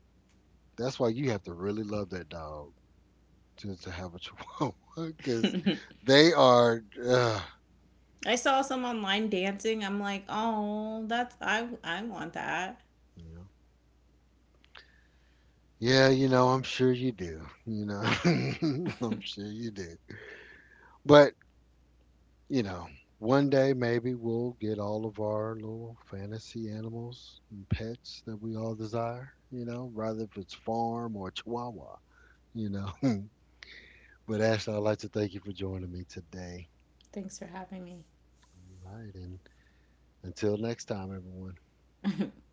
Speaker 1: That's why you have to really love that dog to have a chihuahua because they are.
Speaker 2: I saw some online dancing. I'm like, "Oh, that's I want that."
Speaker 1: You Yeah, I'm sure you do. You know, I'm sure you do. But you know, one day maybe we'll get all of our little fantasy animals and pets that we all desire, you know, rather if it's farm or chihuahua, you know. But Ashley, I'd like to thank you for joining me today.
Speaker 2: Thanks for having me.
Speaker 1: All right. And until next time, everyone.